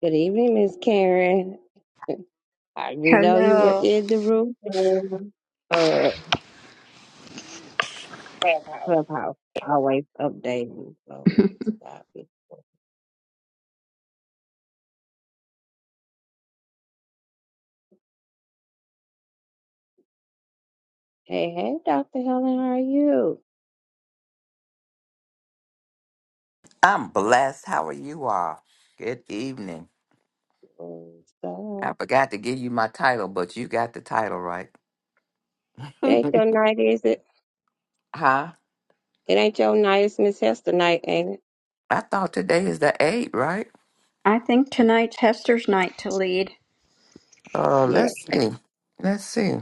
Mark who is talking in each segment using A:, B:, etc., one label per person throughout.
A: Good evening, Miss Karen. I didn't know you were
B: Hello.
A: in the room. Uh, Clubhouse always updating. So it's about it. Hey, hey, Dr. Helen, how are you?
C: I'm blessed. How are you all? Good evening.
A: What's up?
C: I forgot to give you my title, but you got the title right.
A: It ain't your night, is it?
C: huh?
A: It ain't your night. It's Miss Hester night, ain't it?
C: I thought today is the eighth, right?
B: I think tonight's Hester's night to lead.
C: Uh,
A: Yeah.
C: let's see. Let's see.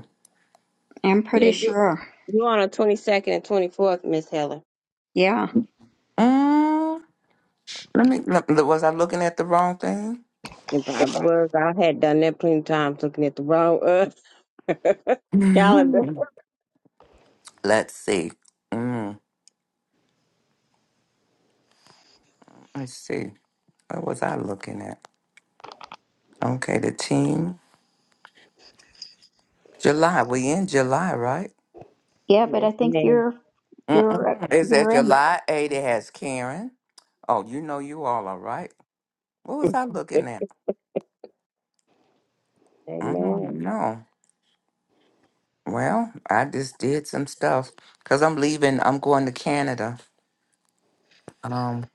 B: I'm pretty
A: Yeah, you,
B: sure.
A: you on the 22nd and 24th, Miss Helen.
B: Yeah.
C: Mm, let me. Look, was I looking at the wrong thing?
A: And I was, I had done that plenty of times looking at the wrong uh, calendar.
C: Mhm. Let's see. Mm, let's see. What was I looking at? Okay, the team. July. We in July, right?
B: Yeah, but I
A: Yes,
B: think
A: ma'am.
B: you're you're
C: Mm-mm. Is that
B: you're in.
C: July eighth? It has Karen. Oh, you know you all are right. What was I looking at? I don't
A: Amen.
C: know. Well, I just did some stuff because I'm leaving. I'm going to Canada. Um,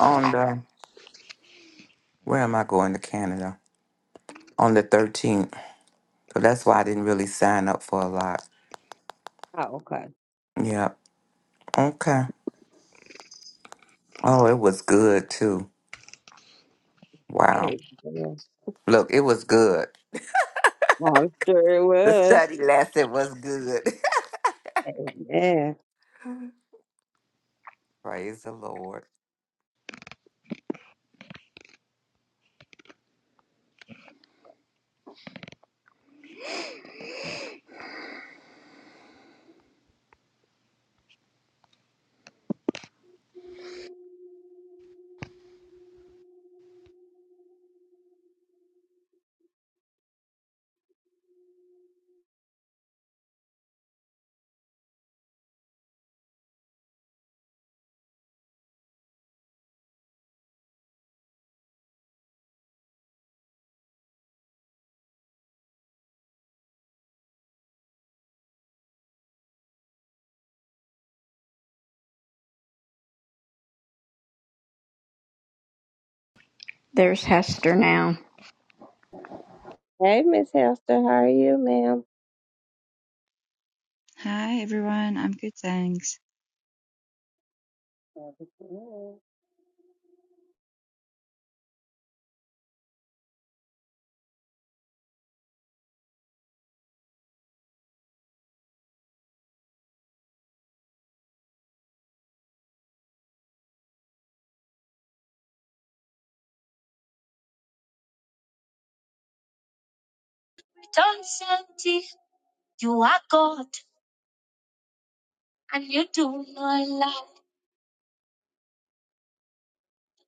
C: on the where am I going to Canada? On the 13th. So that's why I didn't really sign up for a lot.
A: Oh, okay.
C: Yep. Okay. Oh, it was good too. Wow.
A: Amen.
C: Look, it was good.
A: I'm sure it
C: The
A: was.
C: study lesson was good.
A: Amen.
C: Praise the Lord.
B: There's Hester now.
A: Hey, Miss Hester, how are you, ma'am?
D: Hi everyone, I'm good, thanks.
A: Don't shanty, you are God, and you do not lie.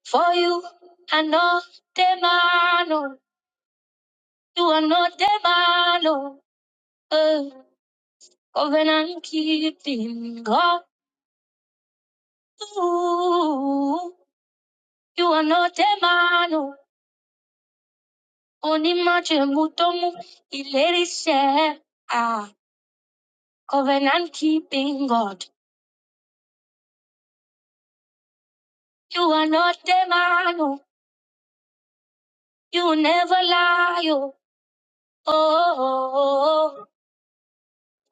A: For you, I know the man, oh, you are not the man, oh, eh. covenant keeping God. Ooh, you are not the man, oh, only much mutomu, ilerise, Covenant keeping God. You are not a man, oh. you never lie. Oh, oh, oh, oh.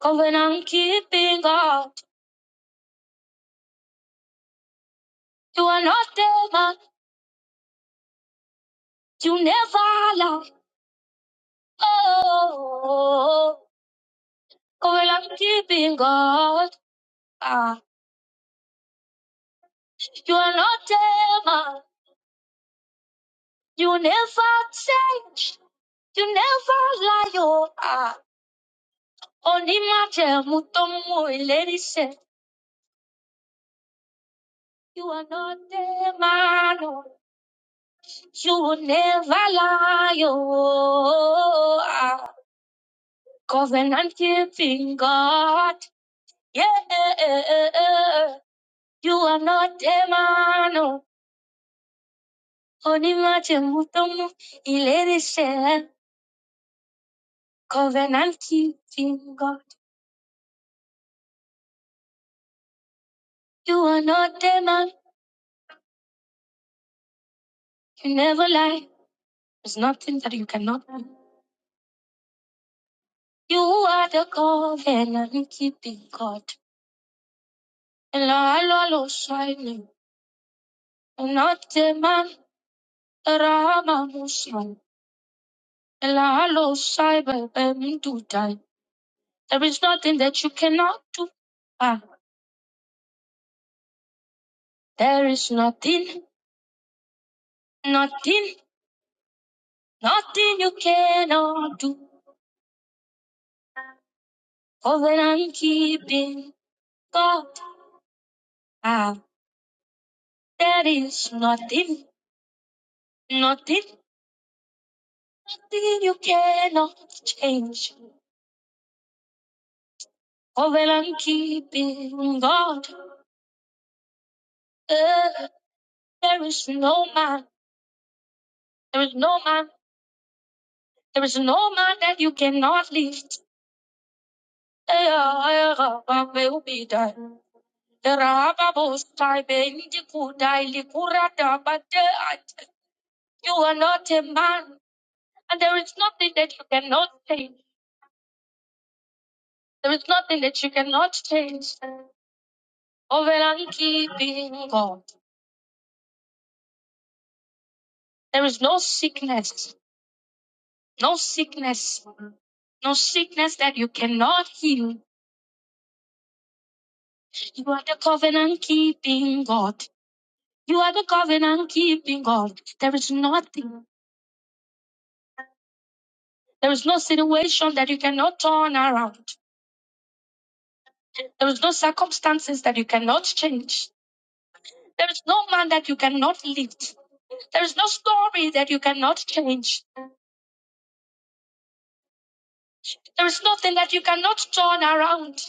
A: covenant keeping God. You are not a man, you never lie. Oh, oh, oh, oh. covenant keeping God. Ah, you are not a man, you never change, you never lie. Oh, ah, only my tell, mutomu, lady said, You are not a man. oh. You will never lie, oh, ah, covenant keeping God. Yeah, you are not a man, oh, only much mutomu ilerishe. Covenant keeping God. You are not a man, you never lie. There's nothing that you cannot do. You are the covenant keeping God. And I will shine, not a man. Rama Musha, Elalo Cyber Dutai. There is nothing that you cannot do. Ah, there is nothing, nothing, nothing you cannot do. Covenant keeping God. Ah, there is nothing, nothing, nothing you cannot change. Covenant keeping God. Eh, there is no man, there is no man, there is no man that you cannot lift. You are not a man, and there is nothing that you cannot change. There is nothing that you cannot change. Over and keeping God. There is no sickness, no sickness, no sickness that you cannot heal. You are the covenant keeping God. You are the covenant keeping God. There is nothing. There is no situation that you cannot turn around. There is no circumstances that you cannot change. There is no man that you cannot lift. There is no story that you cannot change. There is nothing that you cannot turn around.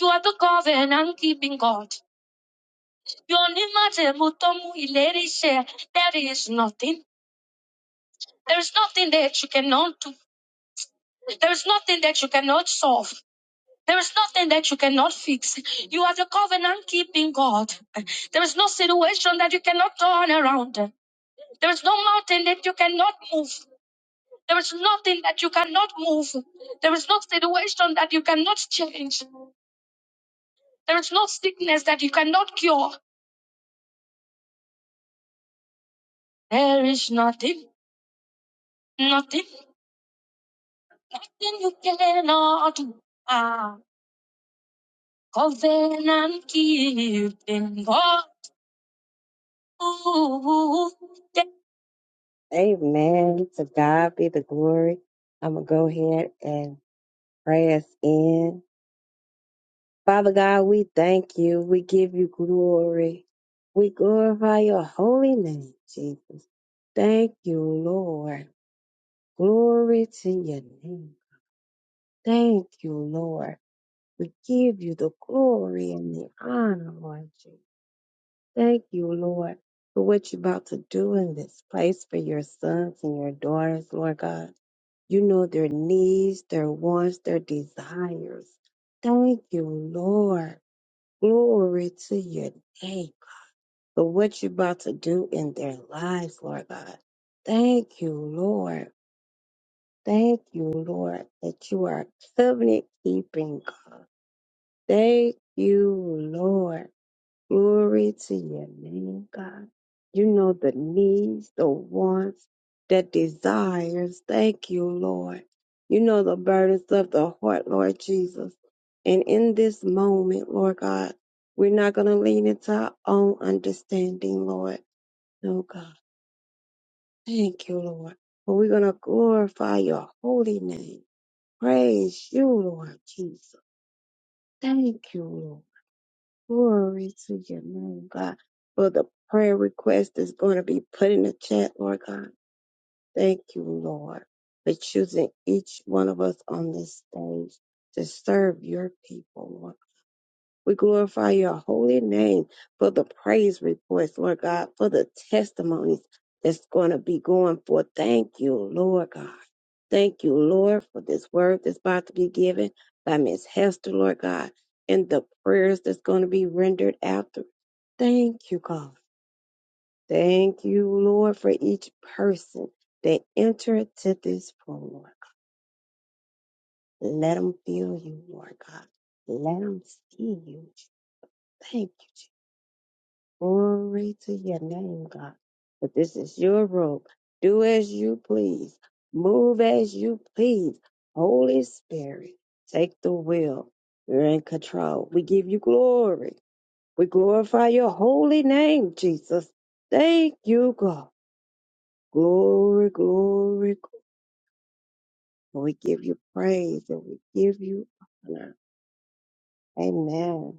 A: You are the covenant keeping God. You are unimaginable to mu ìlérí ṣẹ. There is nothing. There is nothing that you cannot do. There is nothing that you cannot solve. There is nothing that you cannot fix. You are the covenant keeping God. There is no situation that you cannot turn around. There is no mountain that you cannot move. There is nothing that you cannot move. There is no situation that you cannot change. There is no sickness that you cannot cure. There is nothing, nothing, nothing you cannot do. Ah, covenant keeping God. Amen. To God be the glory. I'm going to go ahead and pray us in. Father God, we thank you. We give you glory. We glorify your holy name, Jesus. Thank you, Lord. Glory to your name. Thank you, Lord. We give you the glory and the honor, Lord Jesus. Thank you, Lord, for what you're about to do in this place for your sons and your daughters, Lord God. You know their needs, their wants, their desires. Thank you, Lord. Glory to your name for what you're about to do in their lives, Lord God. Thank you, Lord. Thank you, Lord, that you are covenant keeping God. Thank you, Lord. Glory to your name, God. You know the needs, the wants, the desires. Thank you, Lord. You know the burdens of the heart, Lord Jesus. And in this moment, Lord God, we're not going to lean into our own understanding, Lord. No, God. Thank you, Lord. But we're going to glorify your holy name. Praise you, Lord Jesus. Thank you, Lord. Glory to your name, God, for the prayer request that's going to be put in the chat, Lord God. Thank you, Lord, for choosing each one of us on this stage to serve your people, Lord. We glorify your holy name for the praise reports, Lord God, for the testimonies that's going to be going forth. Thank you, Lord God. Thank you, Lord, for this word that's about to be given by Miss Hester, Lord God, and the prayers that's going to be rendered after. Thank you, God. Thank you, Lord, for each person that entered to this room, Lord. God. Let them feel you, Lord God. Let them see you. Thank you, Jesus. Glory to your name, God. But this is your room. Do as you please. Move as you please. Holy Spirit, take the wheel. You're in control. We give you glory. We glorify your holy name, Jesus. Thank you, God. Glory, glory, glory. We give you praise and we give you honor. Amen.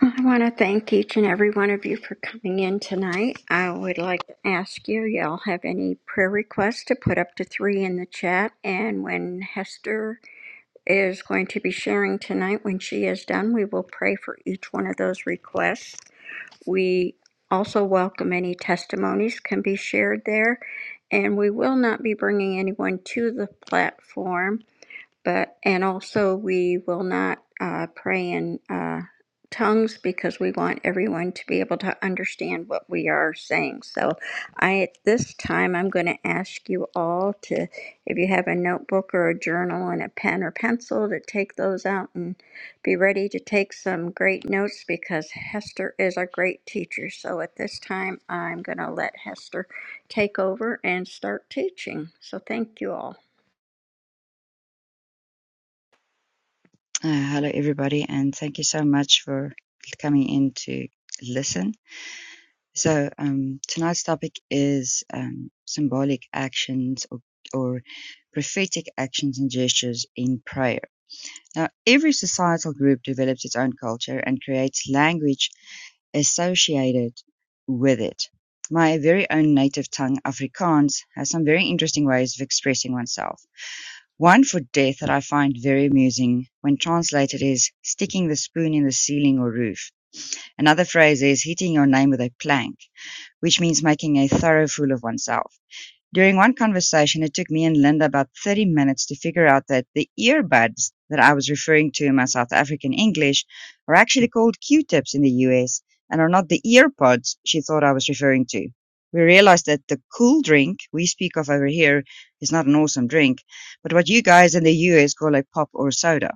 B: I want to thank each and every one of you for coming in tonight. I would like to ask you, y'all have any prayer requests to put up to three in the chat. And when Hester is going to be sharing tonight, when she is done, we will pray for each one of those requests. We also welcome any testimonies can be shared there, and we will not be bringing anyone to the platform but and also we will not uh, pray in uh, tongues because we want everyone to be able to understand what we are saying so i at this time i'm going to ask you all to if you have a notebook or a journal and a pen or pencil to take those out and be ready to take some great notes because hester is a great teacher so at this time i'm going to let hester take over and start teaching so thank you all
D: Uh, hello everybody, and thank you so much for coming in to listen. So um, tonight's topic is um, symbolic actions or, or prophetic actions and gestures in prayer. Now, every societal group develops its own culture and creates language associated with it. My very own native tongue, Afrikaans, has some very interesting ways of expressing oneself. One for death that I find very amusing when translated is sticking the spoon in the ceiling or roof. Another phrase is hitting your name with a plank, which means making a thorough fool of oneself. During one conversation, it took me and Linda about 30 minutes to figure out that the earbuds that I was referring to in my South African English are actually called Q tips in the US and are not the earpods she thought I was referring to. We realized that the cool drink we speak of over here is not an awesome drink, but what you guys in the US call a pop or soda.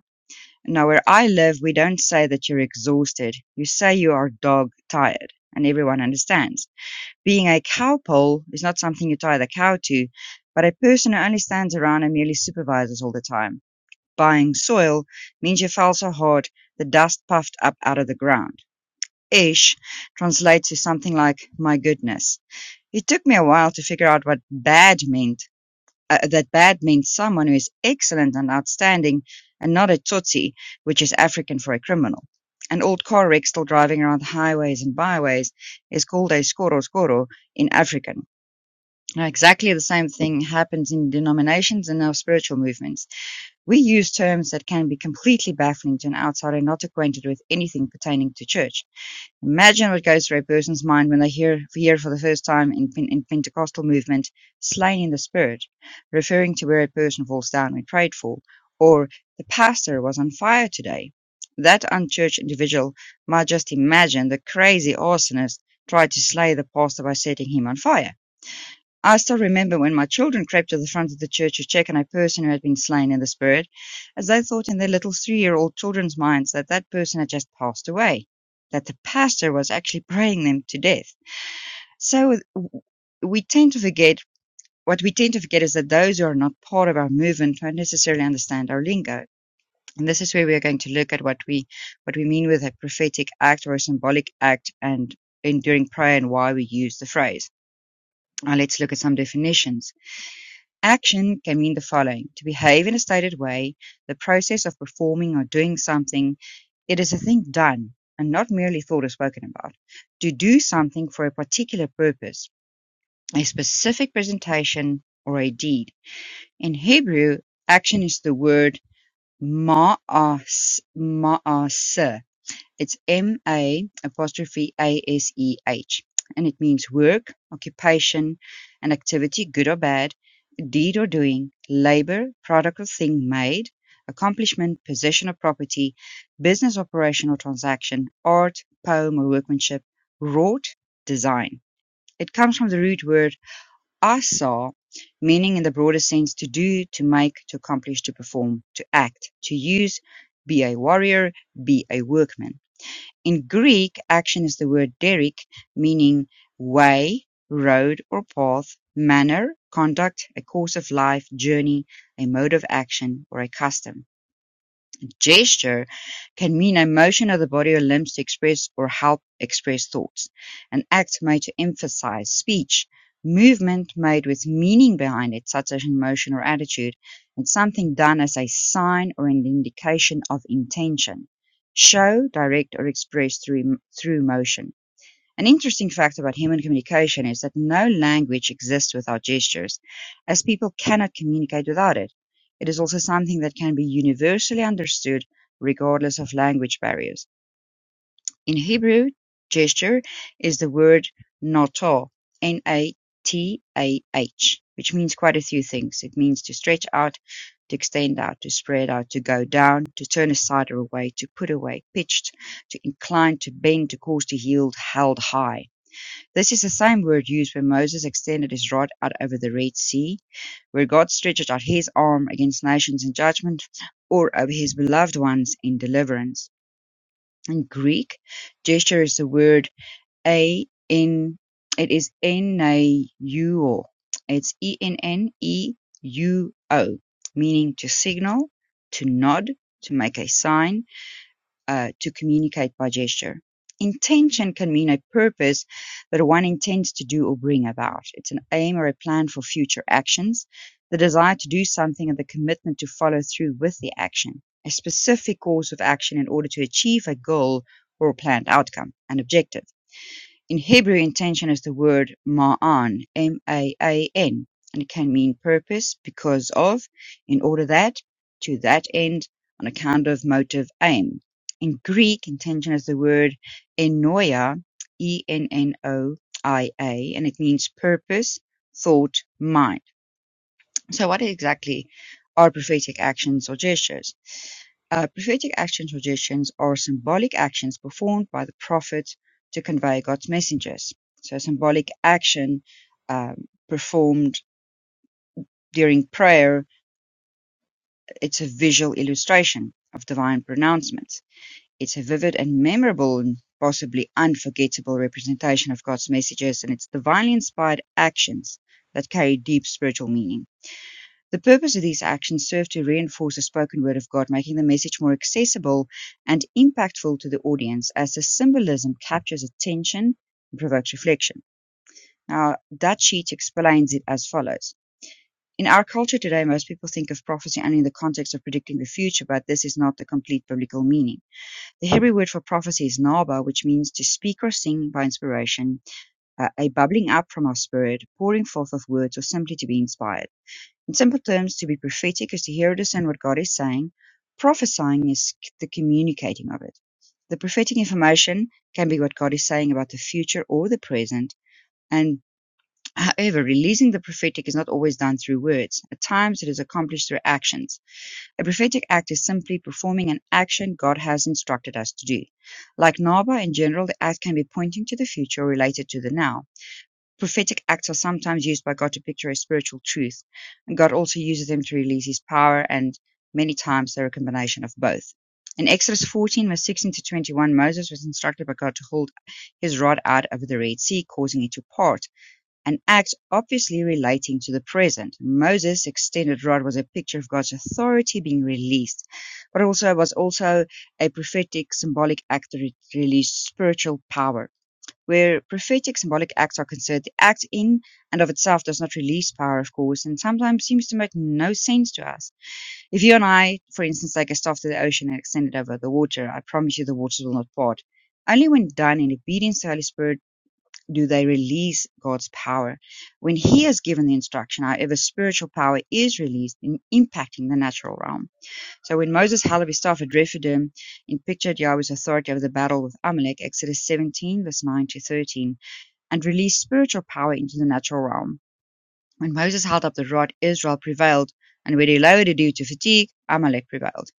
D: Now, where I live, we don't say that you're exhausted. You say you are dog tired, and everyone understands being a cowpole is not something you tie the cow to, but a person who only stands around and merely supervises all the time. Buying soil means you fell so hard the dust puffed up out of the ground. Ish translates to something like my goodness. It took me a while to figure out what bad meant. Uh, that bad means someone who is excellent and outstanding and not a tootsie, which is African for a criminal. An old car wreck still driving around the highways and byways is called a skoro skoro in African. Now, exactly the same thing happens in denominations and our spiritual movements. We use terms that can be completely baffling to an outsider not acquainted with anything pertaining to church. Imagine what goes through a person's mind when they hear, hear for the first time in, in Pentecostal movement, slain in the spirit, referring to where a person falls down when prayed for, or the pastor was on fire today. That unchurched individual might just imagine the crazy arsonist tried to slay the pastor by setting him on fire. I still remember when my children crept to the front of the church to check on a person who had been slain in the spirit, as they thought in their little three year old children's minds that that person had just passed away, that the pastor was actually praying them to death. So we tend to forget, what we tend to forget is that those who are not part of our movement don't necessarily understand our lingo. And this is where we are going to look at what we, what we mean with a prophetic act or a symbolic act and enduring prayer and why we use the phrase. Now let's look at some definitions. Action can mean the following: to behave in a stated way, the process of performing or doing something. It is a thing done and not merely thought or spoken about. To do something for a particular purpose, a specific presentation or a deed. In Hebrew, action is the word ma'as, ma'aseh. It's M-A apostrophe A-S-E-H. And it means work, occupation, an activity, good or bad, deed or doing, labor, product or thing made, accomplishment, possession or property, business operation or transaction, art, poem or workmanship, wrought, design. It comes from the root word asa, meaning in the broader sense to do, to make, to accomplish, to perform, to act, to use, be a warrior, be a workman. In Greek, action is the word "derech", meaning way, road or path, manner, conduct, a course of life, journey, a mode of action, or a custom. Gesture can mean a motion of the body or limbs to express or help express thoughts. An act made to emphasize speech. Movement made with meaning behind it, such as emotion or attitude, and something done as a sign or an indication of intention. Show, direct, or express through, through motion. An interesting fact about human communication is that no language exists without gestures, as people cannot communicate without it. It is also something that can be universally understood regardless of language barriers. In Hebrew, gesture is the word natah, N-A-T-A-H, which means quite a few things. It means to stretch out, to extend out, to spread out, to go down, to turn aside or away, to put away, pitched, to incline, to bend, to cause, to yield, held high. This is the same word used when Moses extended his rod out over the Red Sea, where God stretched out his arm against nations in judgment, or over his beloved ones in deliverance. In Greek, gesture is the word a n. It is enauo. It's e n n e u o, meaning to signal, to nod, to make a sign, uh, to communicate by gesture. Intention can mean a purpose that one intends to do or bring about. It's an aim or a plan for future actions, the desire to do something and the commitment to follow through with the action, a specific course of action in order to achieve a goal or a planned outcome, an objective. In Hebrew, intention is the word ma'an, M-A-A-N, and it can mean purpose, because of, in order that, to that end, on account of, motive, aim. In Greek, intention is the word ennoia, E-N-N-O-I-A, and it means purpose, thought, mind. So, what exactly are prophetic actions or gestures? Uh, prophetic actions or gestures are symbolic actions performed by the prophet to convey God's messages. So, a symbolic action um, performed during prayer, it's a visual illustration of divine pronouncements. It's a vivid and memorable and possibly unforgettable representation of God's messages, and it's divinely inspired actions that carry deep spiritual meaning. The purpose of these actions served to reinforce the spoken word of God, making the message more accessible and impactful to the audience as the symbolism captures attention and provokes reflection. Now, that sheet explains it as follows. In our culture today, most people think of prophecy only in the context of predicting the future, but this is not the complete biblical meaning. The Hebrew word for prophecy is naba, which means to speak or sing by inspiration, uh, a bubbling up from our spirit, pouring forth of words, or simply to be inspired. In simple terms, to be prophetic is to hear or discern what God is saying. Prophesying is the communicating of it. The prophetic information can be what God is saying about the future or the present. And however, releasing the prophetic is not always done through words. At times, it is accomplished through actions. A prophetic act is simply performing an action God has instructed us to do. Like Naba in general, the act can be pointing to the future or related to the now. Prophetic acts are sometimes used by God to picture a spiritual truth, and God also uses them to release his power, and many times they're a combination of both. In Exodus 14, verse 16 to 21, Moses was instructed by God to hold his rod out over the Red Sea, causing it to part, an act obviously relating to the present. Moses' extended rod was a picture of God's authority being released, but also was also a prophetic symbolic act that released spiritual power where prophetic symbolic acts are considered the act in and of itself does not release power, of course, and sometimes seems to make no sense to us. If you and I, for instance, take a staff to the ocean and extend it over the water, I promise you the waters will not part. Only when done in obedience to the Holy Spirit do they release God's power. When He has given the instruction, however, spiritual power is released in impacting the natural realm. So when Moses held up his staff at Rephidim and pictured Yahweh's authority over the battle with Amalek, Exodus 17, verse 9 to 13, and released spiritual power into the natural realm. When Moses held up the rod, Israel prevailed, and when he lowered it due to fatigue, Amalek prevailed.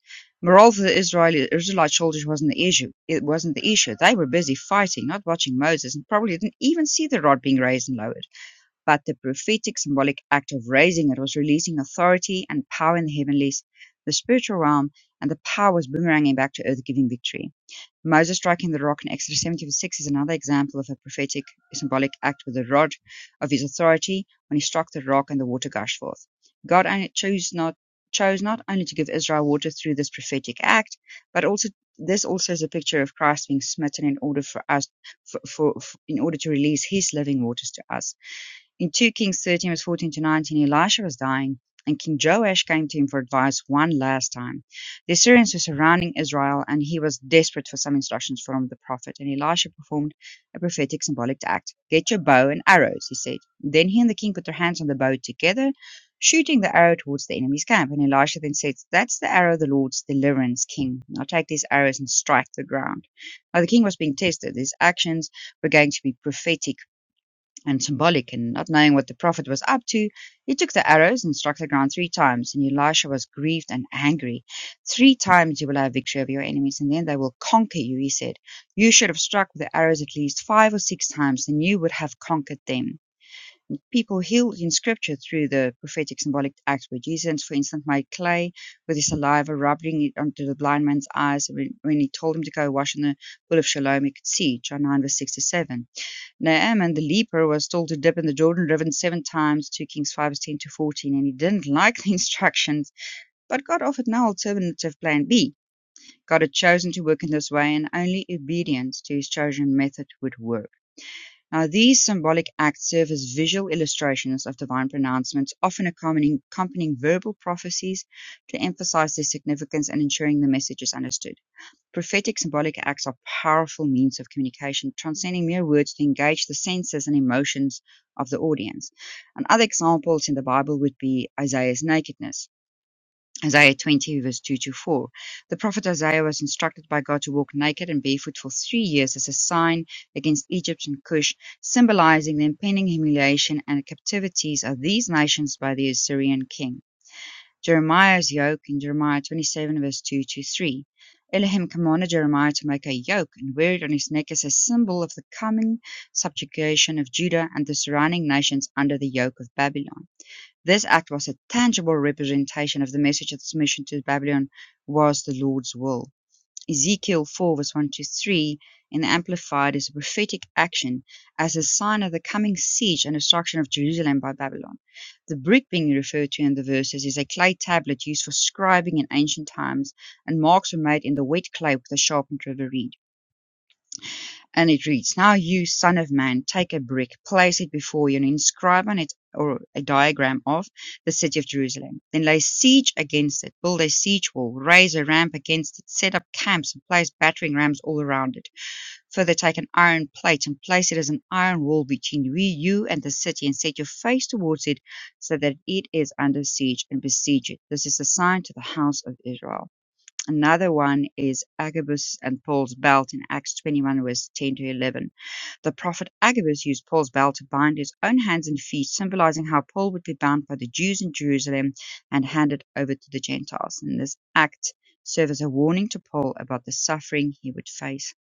D: Morale for the Israeli, Israelite soldiers wasn't the issue. It wasn't the issue. They were busy fighting, not watching Moses, and probably didn't even see the rod being raised and lowered. But the prophetic symbolic act of raising it was releasing authority and power in the heavenlies, the spiritual realm, and the power was boomeranging back to earth, giving victory. Moses striking the rock in Exodus 76 is another example of a prophetic symbolic act with the rod of his authority when he struck the rock and the water gushed forth. God only chose not chose not only to give Israel water through this prophetic act, but also this also is a picture of Christ being smitten in order for us for, for, for in order to release his living waters to us. In 2 Kings 13, verse 14 to 19, Elisha was dying, and King Joash came to him for advice one last time. The Assyrians were surrounding Israel, and he was desperate for some instructions from the prophet. And Elisha performed a prophetic symbolic act. Get your bow and arrows, he said. Then he and the king put their hands on the bow together, shooting the arrow towards the enemy's camp. And Elisha then said, That's the arrow of the Lord's deliverance, king. Now take these arrows and strike the ground. Now the king was being tested. His actions were going to be prophetic and symbolic and not knowing what the prophet was up to, he took the arrows and struck the ground three times. And Elisha was grieved and angry. Three times you will have victory over your enemies, and then they will conquer you, he said. You should have struck with the arrows at least five or six times, and you would have conquered them. People healed in scripture through the prophetic symbolic acts where Jesus, for instance, made clay with his saliva, rubbing it onto the blind man's eyes. When he told him to go wash in the pool of Siloam. he could see, John 9, verse 6 to 7 Naaman the leper was told to dip in the Jordan River seven times, 2 Kings 5, ten to 14, and he didn't like the instructions, but God offered no alternative plan B. God had chosen to work in this way, and only obedience to his chosen method would work. Now, these symbolic acts serve as visual illustrations of divine pronouncements, often accompanying verbal prophecies to emphasize their significance and ensuring the message is understood. Prophetic symbolic acts are powerful means of communication, transcending mere words to engage the senses and emotions of the audience. And other examples in the Bible would be Isaiah's nakedness. Isaiah 20, verse 2 to 4. The prophet Isaiah was instructed by God to walk naked and barefoot for three years as a sign against Egypt and Cush, symbolizing the impending humiliation and captivities of these nations by the Assyrian king. Jeremiah's yoke in Jeremiah 27, verse 2 to 3. Elohim commanded Jeremiah to make a yoke and wear it on his neck as a symbol of the coming subjugation of Judah and the surrounding nations under the yoke of Babylon. This act was a tangible representation of the message that submission to Babylon was the Lord's will. Ezekiel 4 verse 1 to 3 in the Amplified is a prophetic action as a sign of the coming siege and destruction of Jerusalem by Babylon. The brick being referred to in the verses is a clay tablet used for scribing in ancient times, and marks were made in the wet clay with a sharpened river reed. And it reads, Now you, son of man, take a brick, place it before you, and inscribe on it or a diagram of the city of Jerusalem. Then lay siege against it, build a siege wall, raise a ramp against it, set up camps, and place battering rams all around it. Further, take an iron plate and place it as an iron wall between we, you, and the city, and set your face towards it, so that it is under siege, and besiege it. This is a sign to the house of Israel. Another one is Agabus and Paul's belt in Acts 21, verse 10 to 11 the prophet Agabus used Paul's belt to bind his own hands and feet, symbolizing how Paul would be bound by the Jews in Jerusalem and handed over to the Gentiles. And this act served as a warning to Paul about the suffering he would face.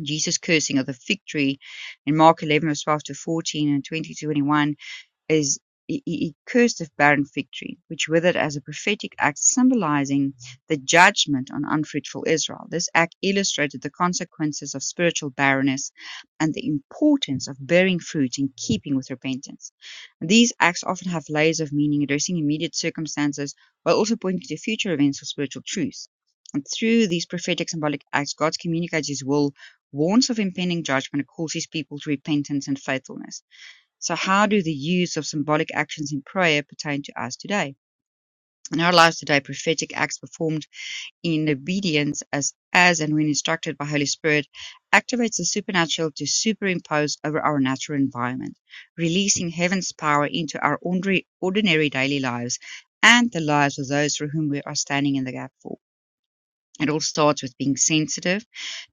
D: Jesus' cursing of the fig tree in Mark 11, verse 12 to 14 and 20 to 21 is he cursed the barren fig tree, which withered as a prophetic act symbolizing the judgment on unfruitful Israel. This act illustrated the consequences of spiritual barrenness and the importance of bearing fruit in keeping with repentance. These acts often have layers of meaning addressing immediate circumstances while also pointing to future events or spiritual truths. And through these prophetic symbolic acts, God communicates his will, warns of impending judgment, and calls his people to repentance and faithfulness. So, how do the use of symbolic actions in prayer pertain to us today? In our lives today, prophetic acts performed in obedience as, as and when instructed by Holy Spirit activates the supernatural to superimpose over our natural environment, releasing heaven's power into our ordinary, ordinary daily lives and the lives of those for whom we are standing in the gap for. It all starts with being sensitive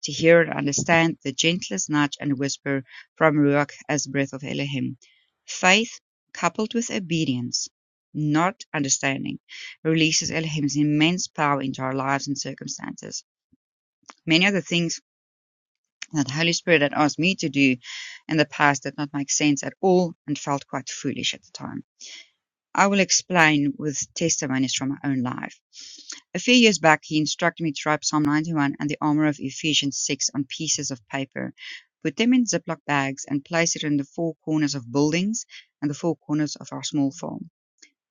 D: to hear and understand the gentlest nudge and whisper from Ruach as the breath of Elohim. Faith coupled with obedience, not understanding, releases Elohim's immense power into our lives and circumstances. Many of the things that Holy Spirit had asked me to do in the past did not make sense at all and felt quite foolish at the time. I will explain with testimonies from my own life. A few years back, he instructed me to write Psalm 91 and the armor of Ephesians 6 on pieces of paper, put them in Ziploc bags, and place it in the four corners of buildings and the four corners of our small farm.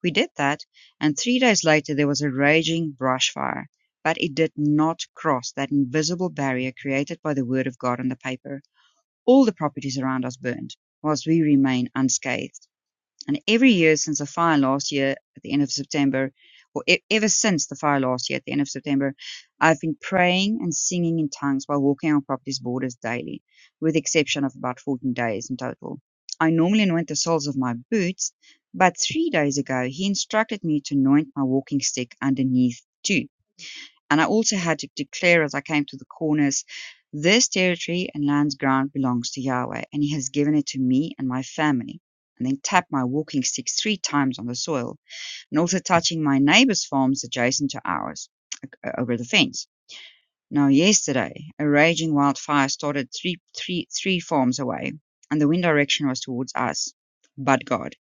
D: We did that, and three days later, there was a raging brush fire. But it did not cross that invisible barrier created by the Word of God on the paper. All the properties around us burned, whilst we remain unscathed. And every year since the fire last year at the end of September, or e- ever since the fire last year at the end of September, I've been praying and singing in tongues while walking on property's borders daily, with the exception of about 14 days in total. I normally anoint the soles of my boots, but three days ago he instructed me to anoint my walking stick underneath too and I also had to declare as I came to the corners, this territory and land's ground belongs to Yahweh, and he has given it to me and my family. And then tap my walking stick three times on the soil, and also touching my neighbor's farms adjacent to ours over the fence. Now, yesterday, a raging wildfire started three, three, three farms away, and the wind direction was towards us. But God,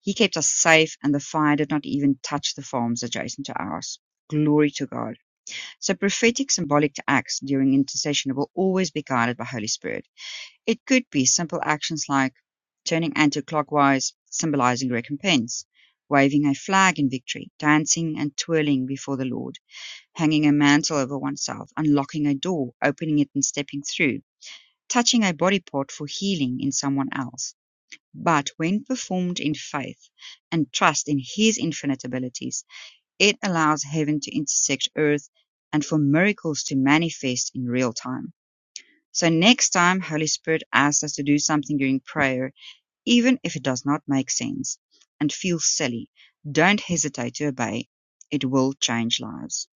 D: He kept us safe, and the fire did not even touch the farms adjacent to ours. Glory to God. So prophetic symbolic acts during intercession will always be guided by Holy Spirit. It could be simple actions like turning anti-clockwise, symbolizing recompense, waving a flag in victory, dancing and twirling before the Lord, hanging a mantle over oneself, unlocking a door, opening it and stepping through, touching a body part for healing in someone else. But when performed in faith and trust in His infinite abilities, it allows heaven to intersect earth and for miracles to manifest in real time. So next time Holy Spirit asks us to do something during prayer, even if it does not make sense and feels silly, don't hesitate to obey. It will change lives.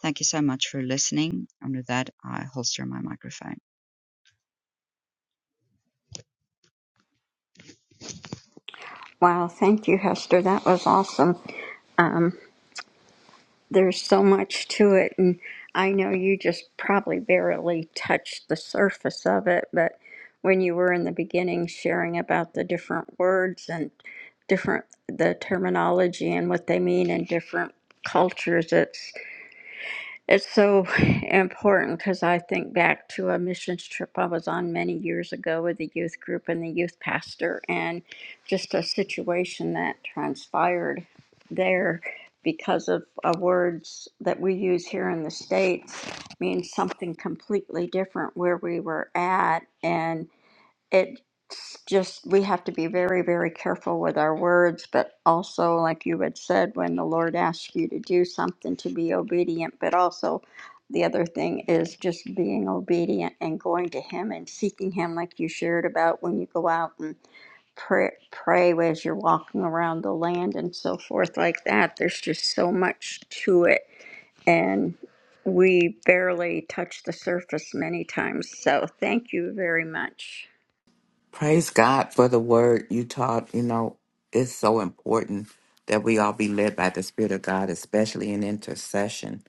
D: Thank you so much for listening. And with that, I holster my microphone.
B: Wow, thank you, Hester. That was awesome. Um, there's so much to it, and I know you just probably barely touched the surface of it, but when you were in the beginning sharing about the different words and different the terminology and what they mean in different cultures, it's it's so important because I think back to a missions trip I was on many years ago with the youth group and the youth pastor, and just a situation that transpired there because of uh, words that we use here in the States means something completely different where we were at. and it's just we have to be very very careful with our words but also like you had said when the lord asks you to do something to be obedient but also the other thing is just being obedient and going to him and seeking him like you shared about when you go out and pray, pray as you're walking around the land and so forth like that there's just so much to it and we barely touch the surface many times so thank you very much
C: Praise God for the word you taught. You know, it's so important that we all be led by the Spirit of God, especially in intercession.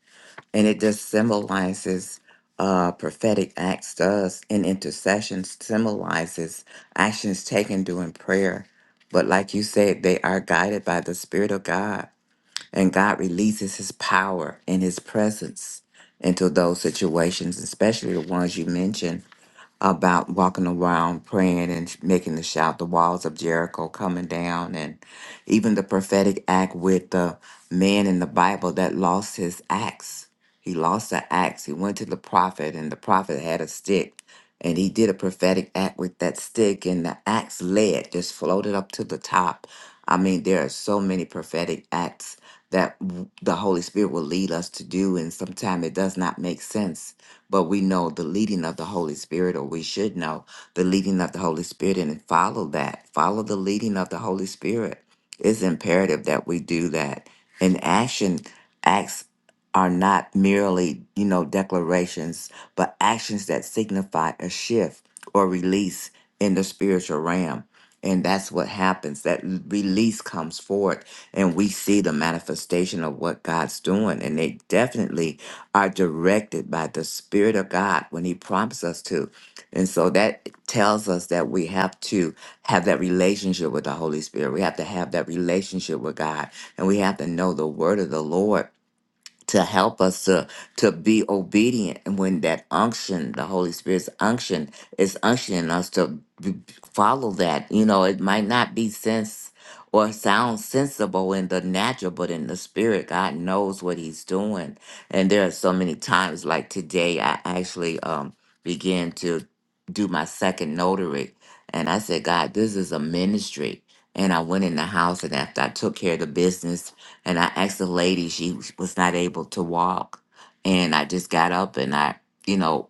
C: And it just symbolizes uh, prophetic acts to us, and intercession symbolizes actions taken during prayer. But like you said, they are guided by the Spirit of God, and God releases His power and His presence into those situations, especially the ones you mentioned about walking around praying and sh- making the shout, the walls of Jericho coming down, and even the prophetic act with the man in the Bible that lost his axe. He lost the axe. He went to the prophet, and the prophet had a stick and he did a prophetic act with that stick and the axe lead just floated up to the top i mean there are so many prophetic acts that w- the holy spirit will lead us to do and sometimes it does not make sense but we know the leading of the holy spirit or we should know the leading of the holy spirit and follow that follow the leading of the holy spirit it's imperative that we do that in action acts are not merely, you know, declarations, but actions that signify a shift or release in the spiritual realm. And that's what happens. That l- release comes forth, and we see the manifestation of what God's doing. And they definitely are directed by the Spirit of God when He prompts us to. And so that tells us that we have to have that relationship with the Holy Spirit. We have to have that relationship with God, and we have to know the word of the Lord to help us to to be obedient and when that unction the holy spirit's unction is unctioning us to b- follow that you know it might not be sense or sound sensible in the natural but in the spirit god knows what he's doing and there are so many times like today i actually um began to do my second notary and i said god this is a ministry and i went in the house and after i took care of the business and I asked the lady, she was not able to walk. And I just got up and I, you know,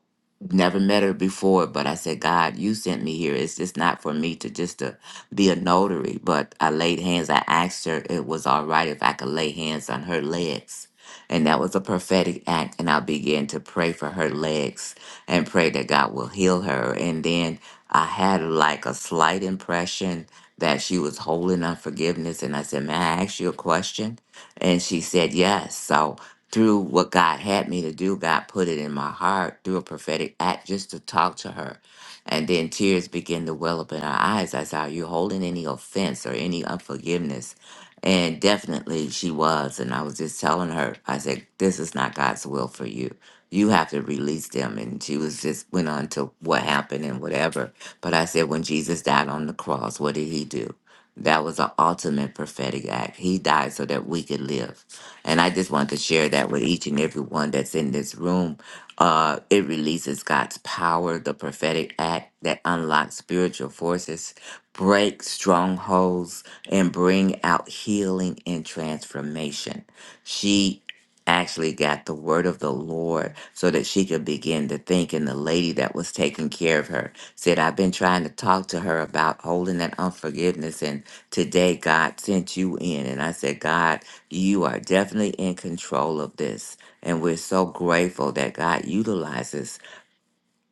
C: never met her before, but I said, God, you sent me here. It's just not for me to just to be a notary. But I laid hands. I asked her it was all right if I could lay hands on her legs. And that was a prophetic act. And I began to pray for her legs and pray that God will heal her. And then I had like a slight impression that she was holding on forgiveness. And I said, May I ask you a question? And she said yes. So through what God had me to do, God put it in my heart through a prophetic act just to talk to her. And then tears began to well up in her eyes. I said, Are you holding any offense or any unforgiveness? And definitely she was. And I was just telling her, I said, This is not God's will for you. You have to release them. And she was just went on to what happened and whatever. But I said, When Jesus died on the cross, what did he do? That was an ultimate prophetic act. He died so that we could live. And I just want to share that with each and every one that's in this room. Uh, it releases God's power, the prophetic act that unlocks spiritual forces, breaks strongholds, and bring out healing and transformation. She actually got the word of the Lord so that she could begin to think. And the lady that was taking care of her said, I've been trying to talk to her about holding that unforgiveness. Today, God sent you in. And I said, God, you are definitely in control of this. And we're so grateful that God utilizes.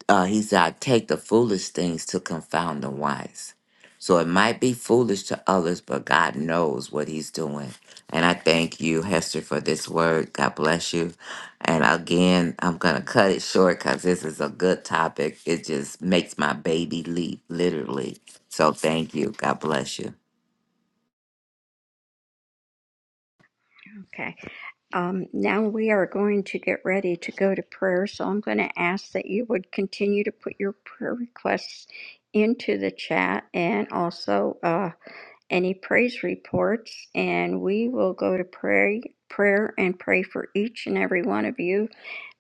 C: Uh, he said, I take the foolish things to confound the wise. So it might be foolish to others, but God knows what He's doing. And I thank you, Hester, for this word. God bless you. And again, I'm going to cut it short because this is a good topic. It just makes my baby leap, literally. So thank you. God bless you.
B: okay Um, now we are going to get ready to go to prayer, so I'm going to ask that you would continue to put your prayer requests into the chat and also uh, any praise reports, and we will go to pray prayer and pray for each and every one of you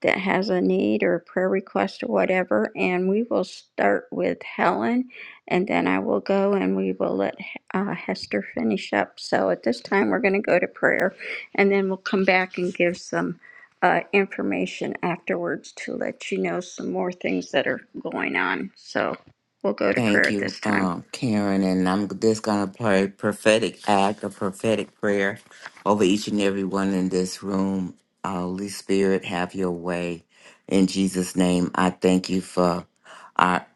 B: that has a need or a prayer request or whatever. And we will start with Helen, and then I will go and we will let uh, Hester finish up. So at this time, we're going to go to prayer, and then we'll come back and give some uh, information afterwards to let you know some more things that are going on. So we'll go to prayer
C: Thank
B: at
C: you,
B: this time.
C: um, Karen. And I'm just going to pray prophetic act, a prophetic prayer over each and every one in this room. Holy Spirit, have your way. In Jesus' name, I thank you for. our.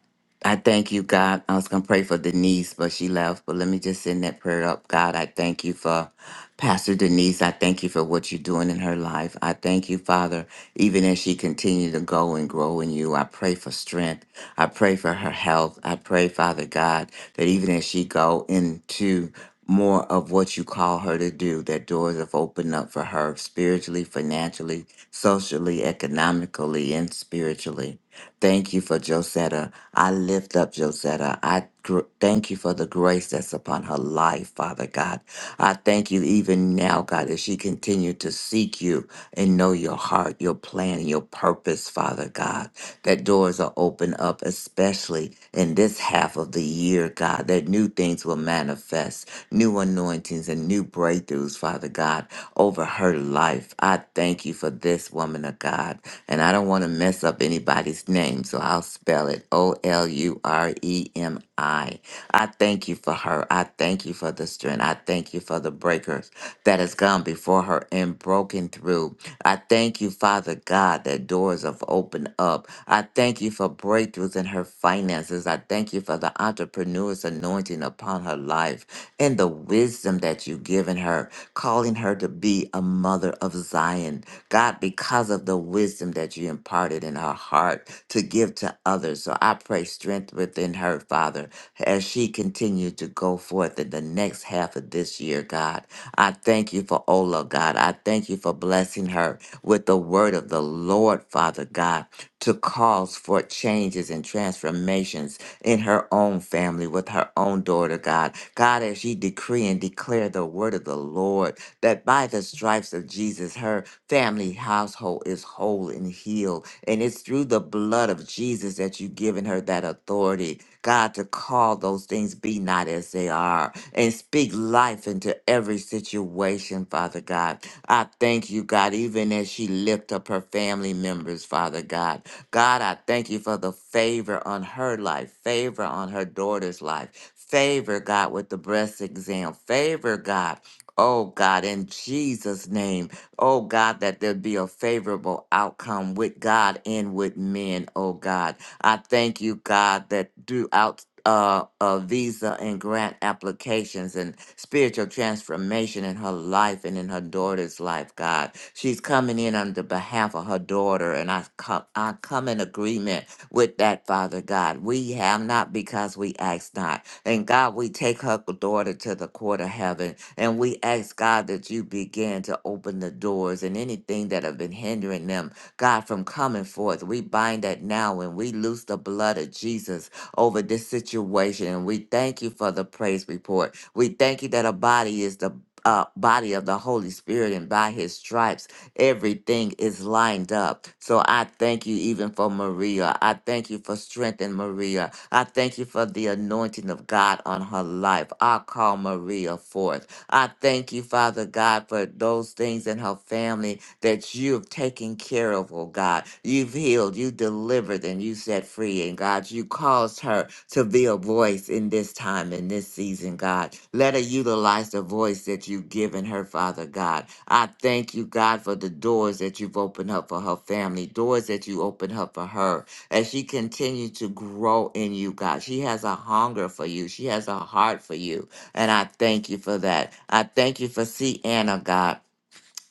C: I thank you, God. I was going to pray for Denise, but she left. But let me just send that prayer up. God, I thank you for Pastor Denise. I thank you for what you're doing in her life. I thank you, Father, even as she continues to go and grow in you. I pray for strength. I pray for her health. I pray, Father God, that even as she go into more of what you call her to do, that doors have opened up for her spiritually, financially, socially, economically, and spiritually. Thank you for Josetta. I lift up Josetta. I gr- thank you for the grace that's upon her life, Father God. I thank you even now, God, as she continue to seek you and know your heart, your plan, and your purpose, Father God. That doors are open up, especially in this half of the year, God, that new things will manifest, new anointings and new breakthroughs, Father God, over her life. I thank you for this woman of God. And I don't want to mess up anybody's name, so I'll spell it O L U R E M I. I thank you for her. I thank you for the strength. I thank you for the breakers that has gone before her and broken through. I thank you, Father God, that doors have opened up. I thank you for breakthroughs in her finances. I thank you for the entrepreneur's anointing upon her life and the wisdom that you've given her, calling her to be a mother of Zion. God, because of the wisdom that you imparted in her heart to give to others. So I pray strength within her, Father, as she continues to go forth in the next half of this year, God. I thank you for Ola, God. I thank you for blessing her with the word of the Lord, Father God, to cause for changes and transformations in her own family with her own daughter, God. God, as she decree and declare the word of the Lord, that by the stripes of Jesus, her family household is whole and healed. And it's through the blood of Jesus that you've given her that authority, God, to call those things be not as they are and speak life into every situation, Father God. I thank you, God, even as she lift up her family members, Father God. God, I thank you for the favor on her life, favor on her daughter's life, favor, God, with the breast exam, favor, God. Oh God, in Jesus' name, oh God, that there be a favorable outcome with God and with men, oh God. I thank you, God, that throughout uh, uh, visa and grant applications and spiritual transformation in her life and in her daughter's life, God. She's coming in on the behalf of her daughter, and I come, I come in agreement with that, Father God. We have not because we ask not. And God, we take her daughter to the court of heaven, and we ask, God, that you begin to open the doors and anything that have been hindering them, God, from coming forth. We bind that now and we loose the blood of Jesus over this situation. And we thank you for the praise report. We thank you that a body is the uh, body of the Holy Spirit, and by his stripes, everything is lined up. So I thank you even for Maria. I thank you for strengthening Maria. I thank you for the anointing of God on her life. I call Maria forth. I thank you, Father God, for those things in her family that you have taken care of, oh God. You've healed, you delivered, and you set free. And God, you caused her to be a voice in this time, in this season, God. Let her utilize the voice that you've given her, Father God. I thank you, God, for the doors that you've opened up for her family, doors that you opened up for her. As she continues to grow in you, God, she has a hunger for you, she has a heart for you. And I thank you for that. I thank you for C. Anna, God.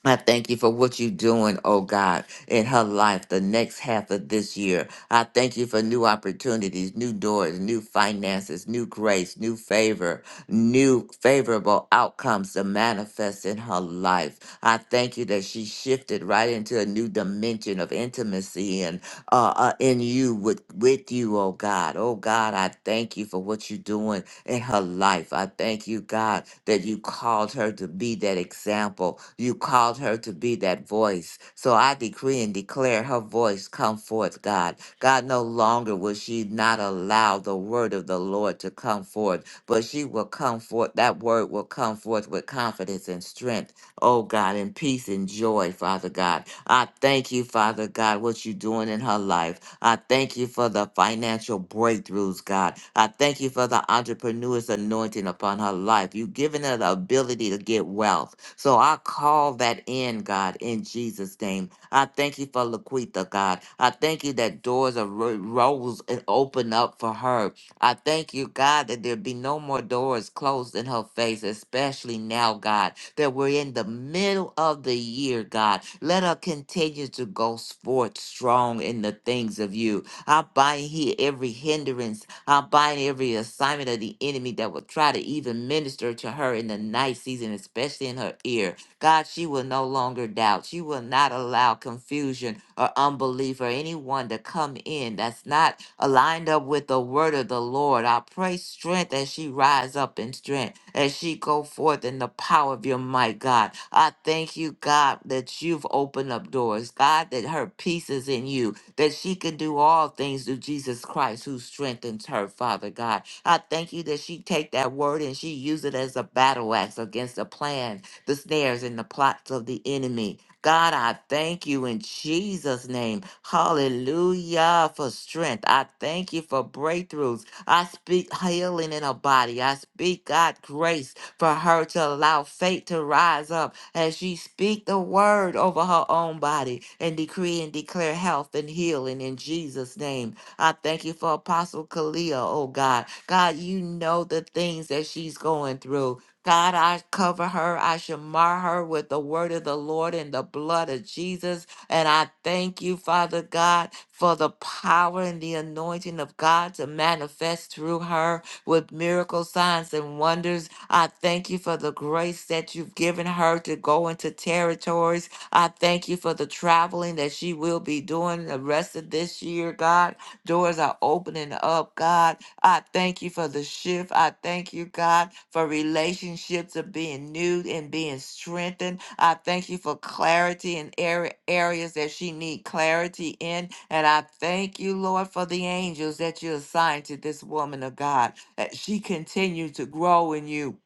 C: I thank you for what you're doing, oh God, in her life the next half of this year. I thank you for new opportunities, new doors, new finances, new grace, new favor, new favorable outcomes to manifest in her life. I thank you that she shifted right into a new dimension of intimacy and uh, uh, in you with with you, oh God. Oh God, I thank you for what you're doing in her life. I thank you, God, that you called her to be that example. You called her to be that voice. So I decree and declare her voice come forth, God. God, no longer will she not allow the word of the Lord to come forth, but she will come forth. That word will come forth with confidence and strength Oh God, in peace and joy, Father God. I thank you, Father God, what you're doing in her life. I thank you for the financial breakthroughs, God. I thank you for the entrepreneur's anointing upon her life. You've given her the ability to get wealth. So I call that in, God, in Jesus' name. I thank you for Laquita, God. I thank you that doors are ro- rose and open up for her. I thank you, God, that there be no more doors closed in her face, especially now, God that we're in the middle of the year, God. Let her continue to go forth strong in the things of you. I bind here every hindrance. I bind every assignment of the enemy that will try to even minister to her in the night season, especially in her ear. God, she will no longer doubt. She will not allow confusion or unbelief or anyone to come in that's not aligned up with the word of the Lord. I pray strength as she rise up in strength, as she go forth in the power of your might, God. I thank you, God, that you've opened up doors. God, that her peace is in you, that she can do all things through Jesus Christ who strengthens her, Father God. I thank you that she take that word and she use it as a battle axe against the plan the snares and the plots of the enemy. God, I thank you in Jesus' name. Hallelujah for strength. I thank you for breakthroughs. I speak healing in her body. I speak, God, grace for her to allow faith to rise up as she speak the word over her own body and decree and declare health and healing in Jesus' name. I thank you for Apostle Kalia, oh God. God, you know the things that she's going through. God, I cover her. I shamar her with the word of the Lord and the blood of Jesus. And I thank you, Father God, for the power and the anointing of God to manifest through her with miracle signs and wonders. I thank you for the grace that you've given her to go into territories. I thank you for the traveling that she will be doing the rest of this year, God. Doors are opening up, God. I thank you for the shift. I thank you, God, for relationships of being new and being strengthened. I thank you for clarity in area, areas that she need clarity in. And I thank you, Lord, for the angels that you assigned to this woman of God, that she continue to grow in you.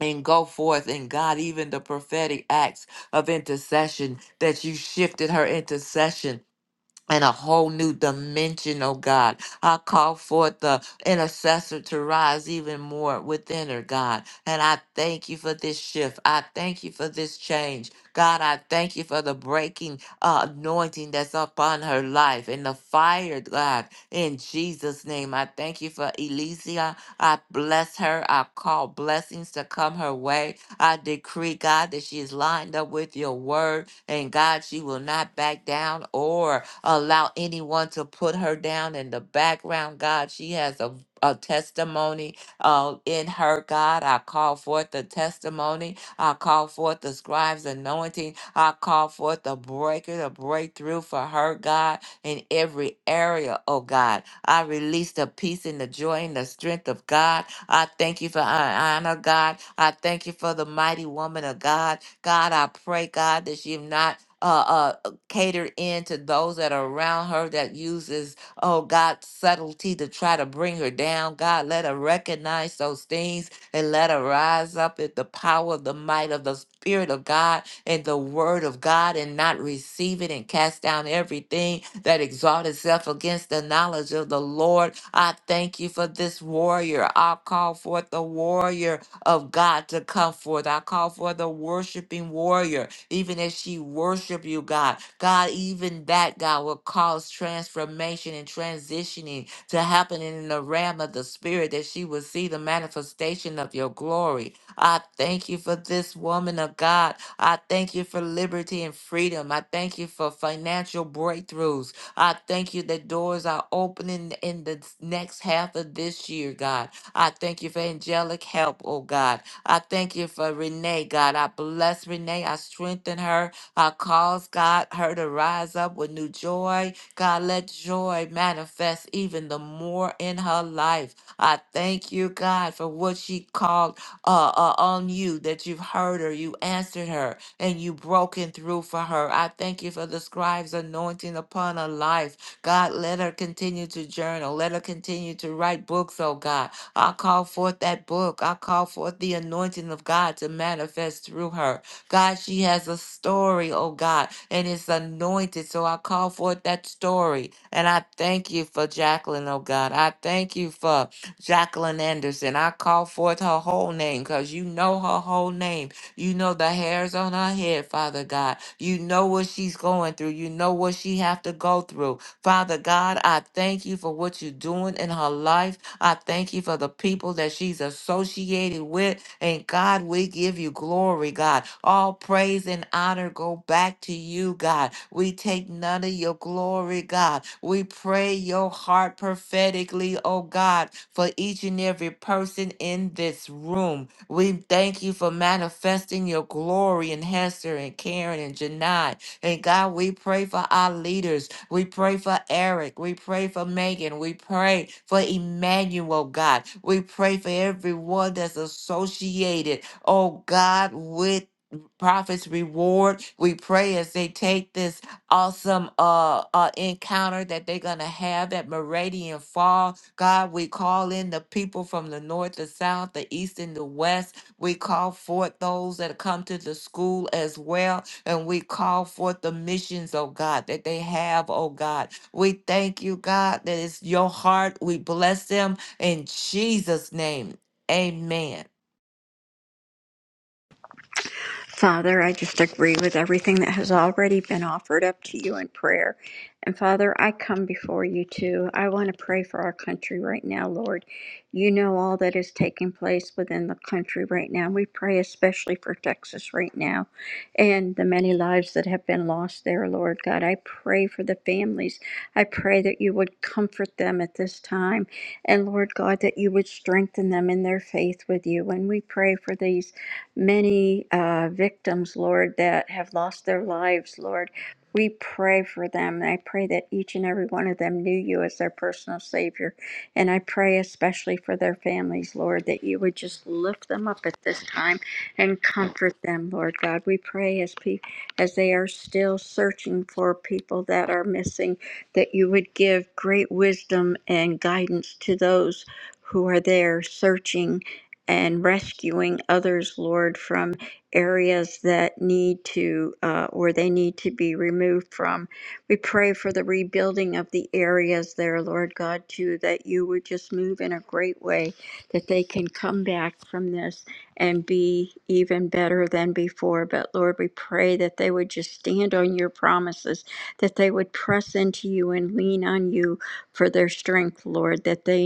C: And go forth in God, even the prophetic acts of intercession that you shifted her intercession and a whole new dimension, oh God. I call forth the intercessor to rise even more within her, God. And I thank you for this shift. I thank you for this change. God, I thank you for the breaking uh, anointing that's upon her life and the fire, God, in Jesus' name. I thank you for Elysia. I bless her. I call blessings to come her way. I decree, God, that she is lined up with your word. And God, she will not back down or allow anyone to put her down in the background, God. She has a, a testimony uh, in her, God. I call forth the testimony. I call forth the scribe's anointing. I call forth the breaker, the breakthrough for her, God, in every area, oh God. I release the peace and the joy and the strength of God. I thank you for honor, God. I thank you for the mighty woman of God. God, I pray, God, that you've not. Uh, uh, to cater in to those that are around her that uses, oh God, subtlety to try to bring her down. God, let her recognize those things and let her rise up in the power of the might of the Spirit of God and the word of God and not receive it and cast down everything that exalts itself against the knowledge of the Lord. I thank you for this warrior. I call forth the warrior of God to come forth. I call for the worshiping warrior, even as she worship you, God. God, even that, God, will cause transformation and transitioning to happen in the realm of the spirit, that she will see the manifestation of your glory. I thank you for this woman of God. I thank you for liberty and freedom. I thank you for financial breakthroughs. I thank you that doors are opening in the next half of this year, God. I thank you for angelic help, oh God. I thank you for Renee, God. I bless Renee. I strengthen her. I cause God her to rise up with new joy. God, let joy manifest even the more in her life. I thank you, God, for what she called uh, uh, on you that you've heard her, you answered her, and you broken through for her. I thank you for the scribe's anointing upon her life. God, let her continue to journal. Let her continue to write books, oh God. I call forth that book. I call forth the anointing of God to manifest through her. God, she has a story, oh God, and it's anointed. So I call forth that story. And I thank you for Jacqueline, oh God. I thank you for Jacqueline Anderson. I call forth her whole name because you know her whole name. You know the hairs on her head, Father God. You know what she's going through. You know what she have to go through. Father God, I thank you for what you're doing in her life. I thank you for the people that she's associated with. And God, we give you glory, God. All praise and honor go back to you, God. We take none of your glory, God. We pray your heart prophetically, oh God, for each and every person in this room. We thank you for manifesting your glory in Hester and Karen and Janai. And God, we pray for our leaders. We pray for Eric. We pray for Megan. We pray for Emmanuel, God. We pray for everyone that's associated, oh God, with Prophet's reward. We pray as they take this awesome uh, uh encounter that they're gonna have at Meridian Fall. God, we call in the people from the north, the south, the east, and the west. We call forth those that come to the school as well and we call forth the missions, oh God, that they have, oh God. We thank you, God, that it's your heart. We bless them in Jesus' name. Amen.
B: Father, I just agree with everything that has already been offered up to you in prayer. And Father, I come before you too. I want to pray for our country right now, Lord. You know all that is taking place within the country right now. We pray especially for Texas right now and the many lives that have been lost there, Lord God. I pray for the families. I pray that you would comfort them at this time. And Lord God, that you would strengthen them in their faith with you. And we pray for these many uh, victims, Lord, that have lost their lives, Lord. We pray for them. And I pray that each and every one of them knew you as their personal Savior. And I pray especially for their families, Lord, that you would just lift them up at this time and comfort them, Lord God. We pray as pe- as they are still searching for people that are missing, that you would give great wisdom and guidance to those who are there searching and rescuing others, Lord, from areas that need to, uh, where they need to be removed from. We pray for the rebuilding of the areas there, Lord God, too, that you would just move in a great way, that they can come back from this and be even better than before. But Lord, we pray that they would just stand on your promises, that they would press into you and lean on you for their strength, Lord, that they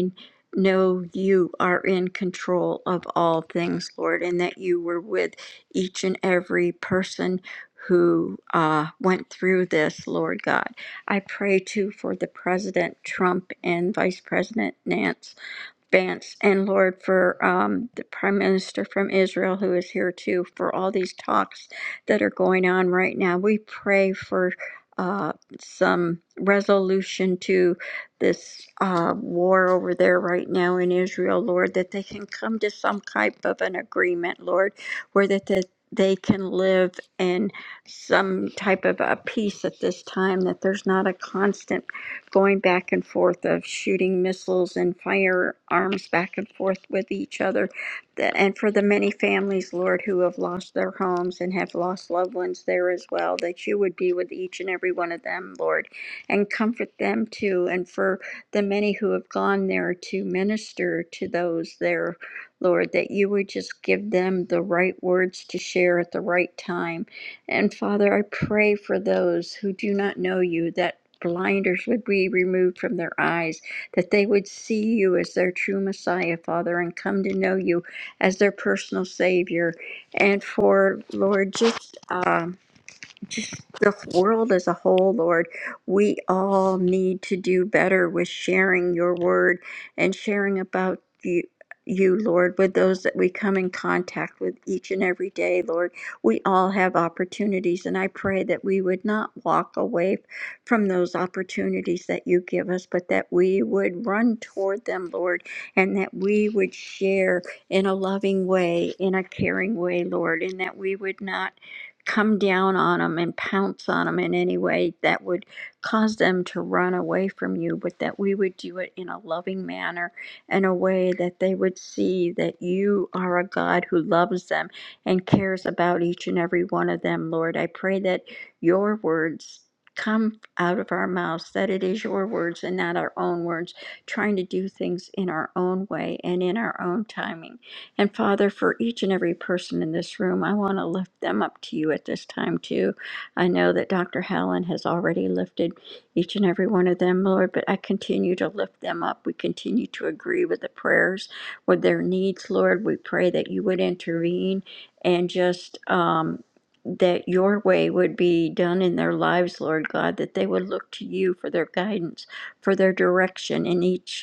B: know you are in control of all things, Lord, and that you were with each and every person who uh, went through this, Lord God. I pray too for the President Trump and Vice President Nance. Vance and Lord for um, the Prime Minister from Israel who is here too for all these talks that are going on right now. We pray for uh, some resolution to this uh, war over there right now in Israel, Lord, that they can come to some type of an agreement, Lord, where that the, they can live in some type of a peace at this time, that there's not a constant going back and forth of shooting missiles and firearms back and forth with each other. Th- And for the many families, Lord, who have lost their homes and have lost loved ones there as well, that you would be with each and every one of them, Lord, and comfort them too. And for the many who have gone there to minister to those there, Lord, that you would just give them the right words to share at the right time. And Father, I pray for those who do not know you that blinders would be removed from their eyes, that they would see you as their true Messiah, Father, and come to know you as their personal Savior. And for Lord, just. um, just the world as a whole, Lord. We all need to do better with sharing your word and sharing about you. You, Lord, with those that we come in contact with each and every day, Lord, we all have opportunities, and I pray that we would not walk away from those opportunities that you give us, but that we would run toward them, Lord, and that we would share in a loving way, in a caring way, Lord, and that we would not come down on them and pounce on them in any way that would cause them to run away from you, but that we would do it in a loving manner and a way that they would see that you are a God who loves them and cares about each and every one of them, Lord. I pray that your words come out of our mouths, that it is your words and not our own words, trying to do things in our own way and in our own timing. And Father, for each and every person in this room, I want to lift them up to you at this time, too. I know that Dr. Helen has already lifted each and every one of them, Lord, but I continue to lift them up. We continue to agree with the prayers, with their needs, Lord. We pray that you would intervene and just um, that your way would be done in their lives, Lord God, that they would look to you for their guidance, for their direction in each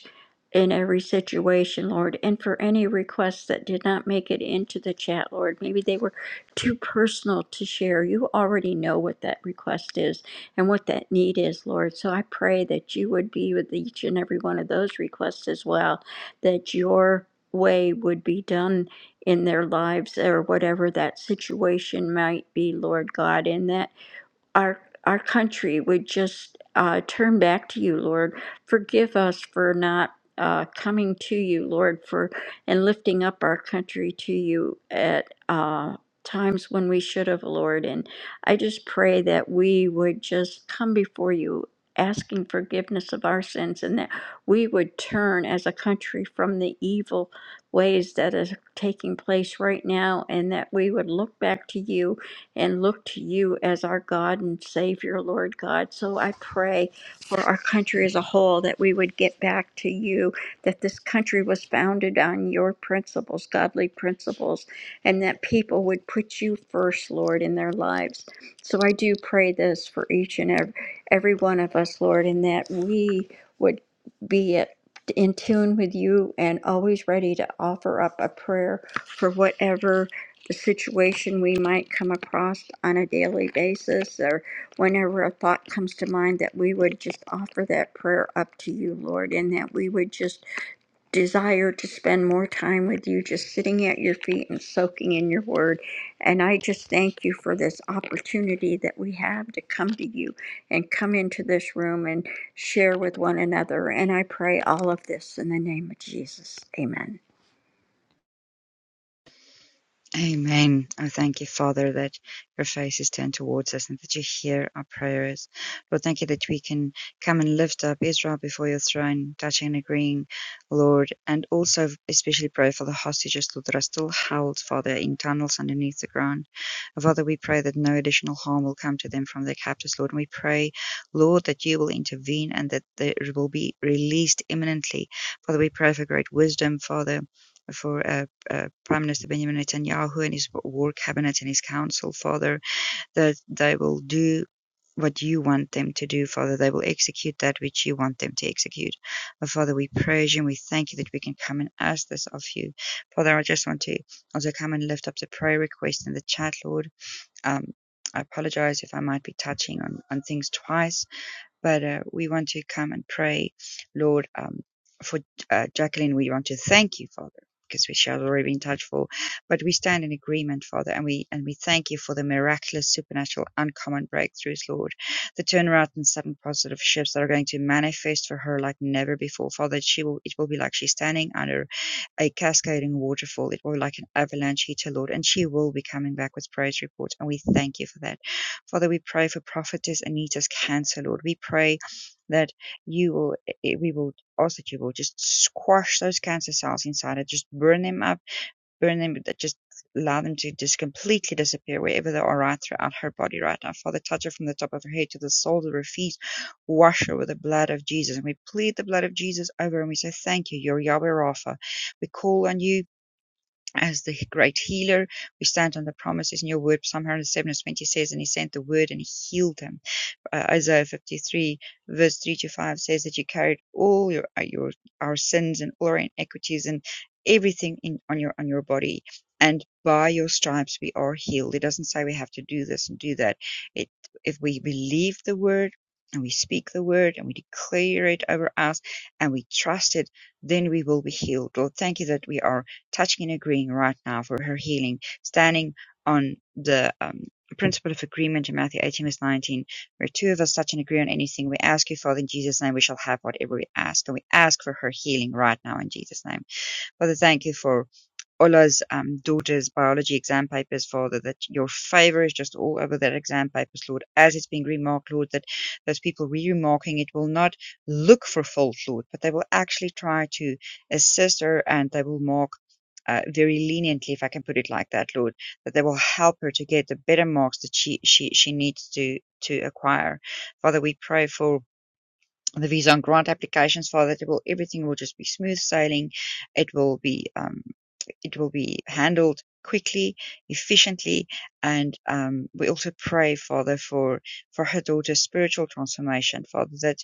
B: in every situation, Lord, and for any requests that did not make it into the chat, Lord. Maybe they were too personal to share. You already know what that request is and what that need is, Lord. So I pray that you would be with each and every one of those requests as well, that your way would be done in their lives or whatever that situation might be, Lord God, in that our our country would just uh, turn back to you, Lord. Forgive us for not uh, coming to you, Lord, for and lifting up our country to you at uh, times when we should have, Lord. And I just pray that we would just come before you. Asking forgiveness of our sins, and that we would turn as a country from the evil ways that is taking place right now, and that we would look back to you and look to you as our God and Savior, Lord God. So I pray for our country as a whole that we would get back to you, that this country was founded on your principles, godly principles, and that people would put you first, Lord, in their lives. So I do pray this for each and every, every one of us, Lord, and that we would be at in tune with you and always ready to offer up a prayer for whatever the situation we might come across on a daily basis or whenever a thought comes to mind that we would just offer that prayer up to you lord and that we would just desire to spend more time with you just sitting at your feet and soaking in your word and i just thank you for this opportunity that we have to come to you and come into this room and share with one another and i pray all of this in the name of jesus amen
D: Amen. Oh, thank you, Father, that your face is turned towards us and that you hear our prayers. Lord, thank you that we can come and lift up Israel before your throne, touching and agreeing, Lord, and also especially pray for the hostages, Lord, that are still held, Father, in tunnels underneath the ground. Father, we pray that no additional harm will come to them from their captors, Lord. And we pray, Lord, that you will intervene and that they will be released imminently. Father, we pray for great wisdom, Father. For uh, uh, Prime Minister Benjamin Netanyahu and his war cabinet and his council, Father, that they will do what you want them to do, Father. They will execute that which you want them to execute. But Father, we praise you and we thank you that we can come and ask this of you. Father, I just want to also come and lift up the prayer request in the chat, Lord. Um, I apologize if I might be touching on, on things twice, but uh, we want to come and pray, Lord, um, for uh, Jacqueline. We want to thank you, Father, because we shall already be in touch for, but we stand in agreement, Father, and we and we thank you for the miraculous, supernatural, uncommon breakthroughs, Lord, the turnaround and sudden positive shifts that are going to manifest for her like never before, Father. She will, it will be like she's standing under a cascading waterfall. It will be like an avalanche hitter, Lord, and she will be coming back with praise reports, and we thank you for that. Father, we pray for Prophetess Anita's cancer, Lord. We pray that you will, eh, eh, we will ask that you will just squash those cancer cells inside her, just burn them up, burn them, just allow them to just completely disappear wherever they are right throughout her body right now. Father, touch her from the top of her head to the soles of her feet. Wash her with the blood of Jesus. And we plead the blood of Jesus over her and we say, Thank you. You're Yahweh Rapha. We call on you as the great healer. We stand on the promises in your word, Psalm 107 and 20 says, And he sent the word and he healed them uh, Isaiah 53 verse 3 to 5 says that you carried all your, uh, your, our sins and all our inequities and everything in, on your, on your body. And by your stripes we are healed. It doesn't say we have to do this and do that. It, if we believe the word and we speak the word and we declare it over us and we trust it, then we will be healed. Lord, thank you that we are touching and agreeing right now for her healing, standing on the um, principle of agreement in Matthew 18 verse 19 where two of us touch and agree on anything we ask you, Father, in Jesus' name, we shall have whatever we ask. And we ask for her healing right now in Jesus' name. Father, thank you for Ola's um, daughter's biology exam papers, Father, that your favor is just all over that exam papers, Lord, as it's being been remarked, Lord, that those people re-remarking it will not look for fault, Lord, but they will actually try to assist her and they will mark uh, very leniently, if I can put it like that, Lord, that they will help her to get the better marks that she, she, she needs to, to acquire. Father, we pray for the visa and grant applications, Father, that it will, everything will just be smooth sailing. It will be, um, it will be handled quickly, efficiently, and um, we also pray, Father, for for her daughter's spiritual transformation, Father, that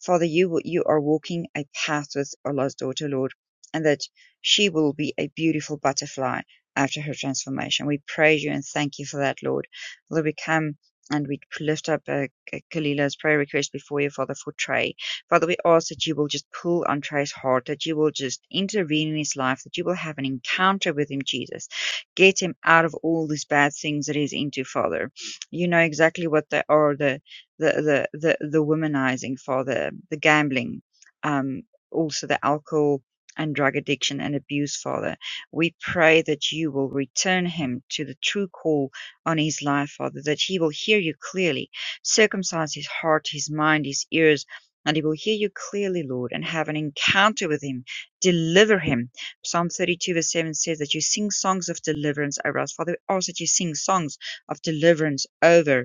D: Father, you you are walking a path with Allah's daughter, Lord, and that she will be a beautiful butterfly after her transformation. We praise you and thank you for that, Lord. Lord, we come and we lift up uh, K- Kalila's prayer request before you, Father, for Trey. Father, we ask that you will just pull on Trey's heart, that you will just intervene in his life, that you will have an encounter with him, Jesus. Get him out of all these bad things that he's into, Father. You know exactly what they are the the the the, the womanizing, Father, the gambling, um, also the alcohol and drug addiction and abuse, Father. We pray that you will return him to the true call on his life, Father, that he will hear you clearly, circumcise his heart, his mind, his ears and he will hear you clearly, Lord, and have an encounter with him. Deliver him. Psalm 32, verse 7 says that you sing songs of deliverance over us. Father, we ask that you sing songs of deliverance over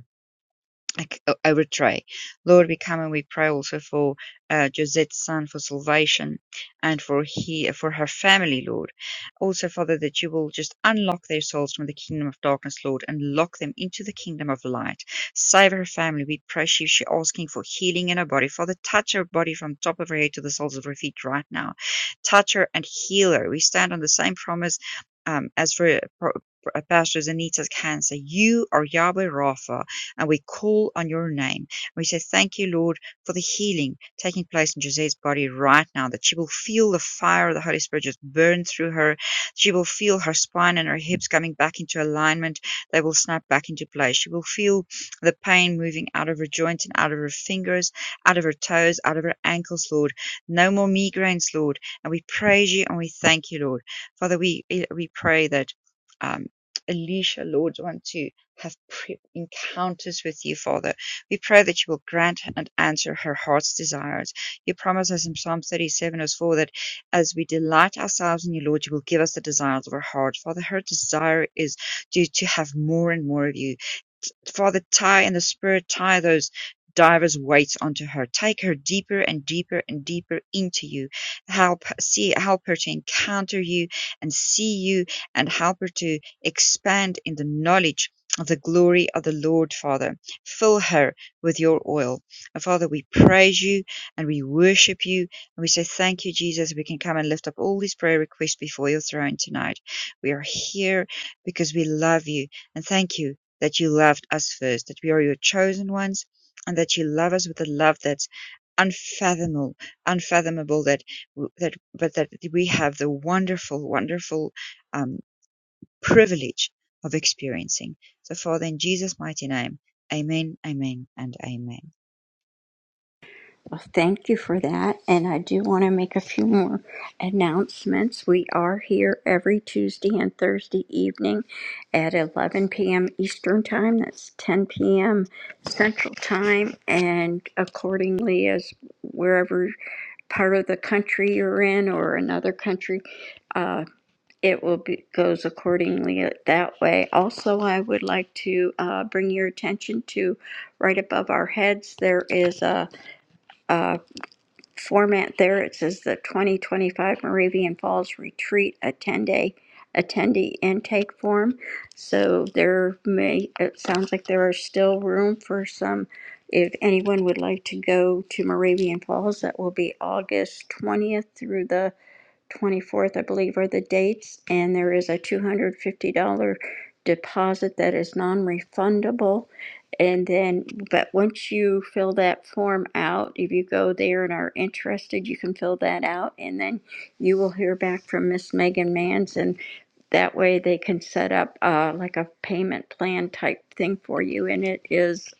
D: I c- I would pray. Lord, we come and we pray also for uh, Josette's son for salvation and for he for her family, Lord. Also, Father, that you will just unlock their souls from the kingdom of darkness, Lord, and lock them into the kingdom of light. Save her family. We pray she she asking for healing in her body. Father, touch her body from top of her head to the soles of her feet right now. Touch her and heal her. We stand on the same promise um, as for. for- Pastor Anita's cancer, you are Yahweh Rapha, and we call on your name. We say, Thank you, Lord, for the healing taking place in Josette's body right now, that she will feel the fire of the Holy Spirit just burn through her. She will feel her spine and her hips coming back into alignment. They will snap back into place. She will feel the pain moving out of her joints and out of her fingers, out of her toes, out of her ankles, Lord. No more migraines, Lord. And we praise you and we thank you, Lord. Father, we, we pray that. Um, Alicia, Lord, want to have pre- encounters with you, Father. We pray that you will grant and answer her heart's desires. You promise us in Psalm 37, verse 4, that as we delight ourselves in you, Lord, you will give us the desires of our heart. Father, her desire is to, to have more and more of you Father tie and the spirit tie those divers weights onto her. Take her deeper and deeper and deeper into you. Help see help her to encounter you and see you and help her to expand in the knowledge of the glory of the Lord Father. Fill her with your oil. And Father, we praise you and we worship you and we say thank you, Jesus. We can come and lift up all these prayer requests before your throne tonight. We are here because we love you and thank you that you loved us first, that we are your chosen ones, and that you love us with a love that's unfathomable, unfathomable. That that but that we have the wonderful, wonderful um, privilege of experiencing. So, Father, in Jesus' mighty name, Amen, Amen, and Amen.
B: Well, thank you for that. And I do want to make a few more announcements. We are here every Tuesday and Thursday evening at 11 p.m. Eastern Time. That's 10 p.m. Central Time. And accordingly, as wherever part of the country you're in or another country, uh, it will be goes accordingly that way. Also, I would like to uh, bring your attention to right above our heads. There is a, a format there. It says the 2025 Moravian Falls Retreat attendee attendee intake form. So there may it sounds like there is still room for some. If anyone would like to go to Moravian Falls, that will be August 20th through the 24th, I believe, are the dates, and there is a $250 deposit that is non-refundable. And then, but once you fill that form out, if you go there and are interested, you can fill that out, and then you will hear back from Miss Megan Mans, and that way they can set up uh, like a payment plan type thing for you. And it is,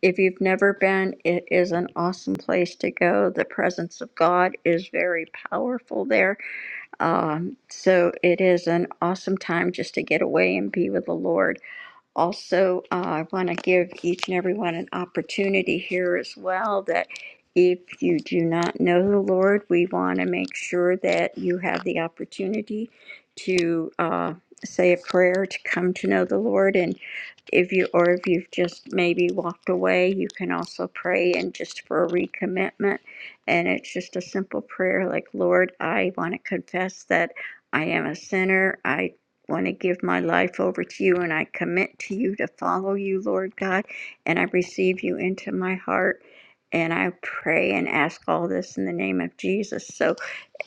B: if you've never been, it is an awesome place to go. The presence of God is very powerful there um, so it is an awesome time just to get away and be with the Lord. Also, uh, I want to give each and everyone an opportunity here as well that if you do not know the Lord, we want to make sure that you have the opportunity to uh, say a prayer to come to know the Lord. And if you, or if you've just maybe walked away, you can also pray and just for a recommitment. And it's just a simple prayer like, Lord, I want to confess that I am a sinner. I want to give my life over to you and I commit to you to follow you, Lord God, and I receive you into my heart. And I pray and ask all this in the name of Jesus. So,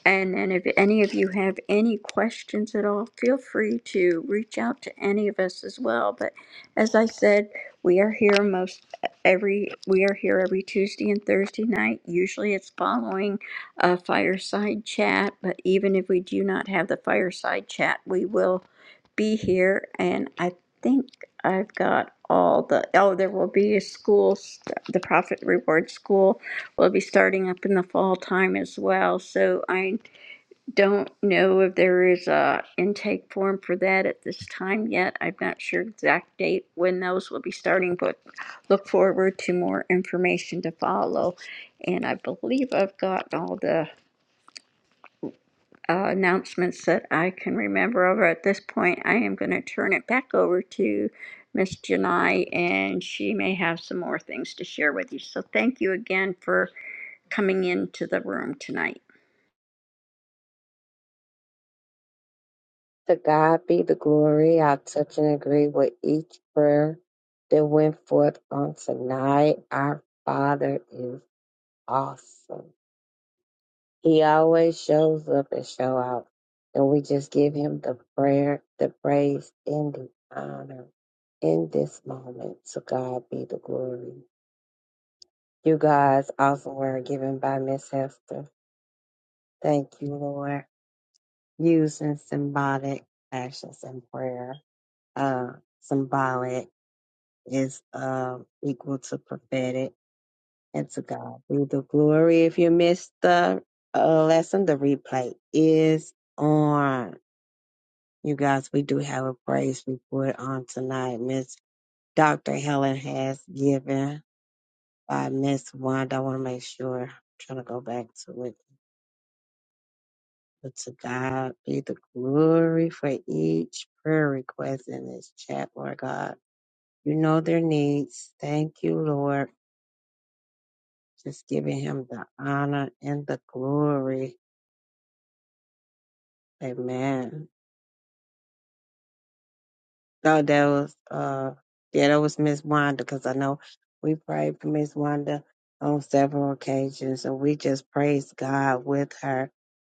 B: and then if any of you have any questions at all, feel free to reach out to any of us as well. But as I said, we are here most every we are here every Tuesday and Thursday night. Usually it's following a fireside chat, but even if we do not have the fireside chat, we will be here and I think I've got all the oh there will be a school st- the profit reward school will be starting up in the fall time as well. So I don't know if there is a intake form for that at this time yet. I'm not sure exact date when those will be starting, but look forward to more information to follow. And I believe I've got all the uh, announcements that I can remember over at this point. I am going to turn it back over to Miss Janai, and she may have some more things to share with you. So thank you again for coming into the room tonight.
A: To God be the glory. I touch and agree with each prayer that went forth on tonight. Our Father is awesome. He always shows up and show out. And we just give him the prayer, the praise, and the honor in this moment. To God be the glory. You guys awesome word given by Miss Hester. Thank you, Lord. Using symbolic actions in prayer, uh, symbolic is um, equal to prophetic and to God be the glory. If you missed the uh, lesson, the replay is on. You guys, we do have a praise report on tonight. Miss Dr. Helen has given by Miss Wanda. I want to make sure. I'm trying to go back to it. But to God be the glory for each prayer request in this chat, Lord God. You know their needs. Thank you, Lord just giving him the honor and the glory. Amen. So that was uh yeah, that was Miss Wanda because I know we prayed for Miss Wanda on several occasions and we just praise God with her.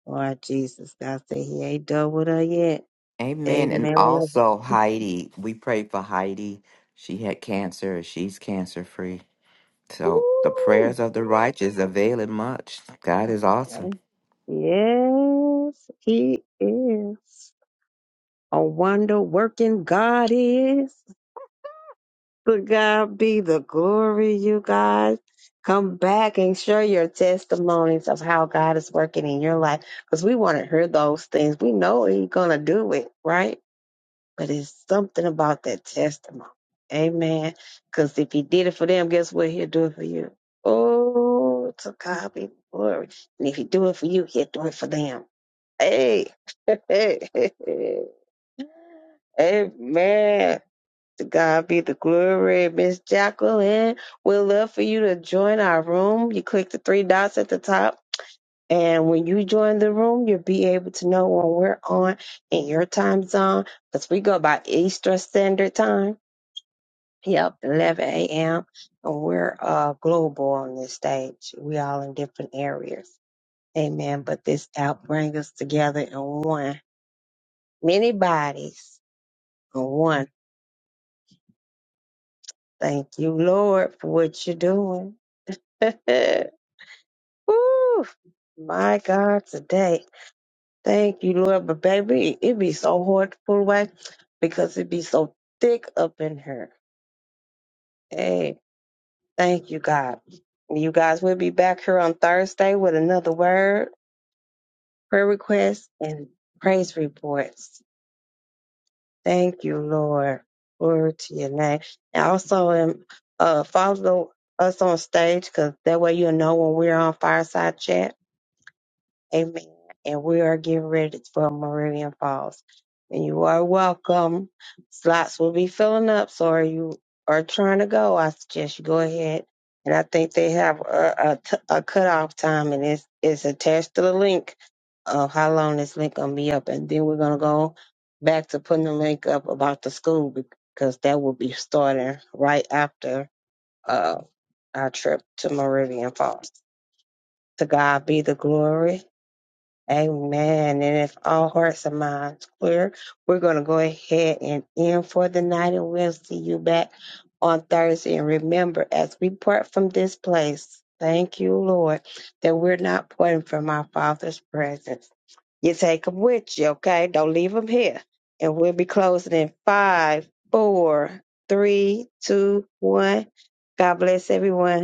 A: Lord Jesus, God said he ain't done with her yet.
C: Amen. And
A: Amen.
C: also Heidi, we pray for Heidi. She had cancer. She's cancer free. So the
A: Woo!
C: prayers of the righteous avail it much. God is awesome.
A: Yes, he is. A wonder working God is. But God be the glory, you guys. Come back and share your testimonies of how God is working in your life because we want to hear those things. We know He's going to do it, right? But it's something about that testimony. Amen. Because if He did it for them, guess what? He'll do it for you. Oh, to God be the glory. And if He do it for you, He'll do it for them. Hey. Amen. To God be the glory. Miss Jacqueline, we'd love for you to join our room. You click the three dots at the top. And when you join the room, you'll be able to know when we're on in your time zone because we go by Eastern Standard Time. Yep, 11 a.m. And we're uh, global on this stage. We all in different areas. Amen. But this app brings us together in one, many bodies in one. Thank you, Lord, for what you're doing. Woo! My God, today. Thank you, Lord. But baby, it be so hard to pull away because it be so thick up in here. Hey, thank you, God. You guys, we'll be back here on Thursday with another word, prayer request, and praise reports. Thank you, Lord. Glory to your name. And also, um, uh, follow us on stage because that way you'll know when we're on Fireside Chat Amen. And we are getting ready for Meridian Falls. And you are welcome. Slots will be filling up. So are you are trying to go? I suggest you go ahead. And I think they have a, a, t- a cutoff time, and it's it's attached to the link of how long this link gonna be up. And then we're gonna go back to putting the link up about the school because that will be starting right after uh, our trip to Meridian Falls. To God be the glory. Amen. And if all hearts and minds clear, we're going to go ahead and end for the night, and we'll see you back on Thursday. And remember, as we part from this place, thank you, Lord, that we're not parting from our Father's presence. You take them with you, okay? Don't leave them here. And we'll be closing in five, four, three, two, one. God bless everyone.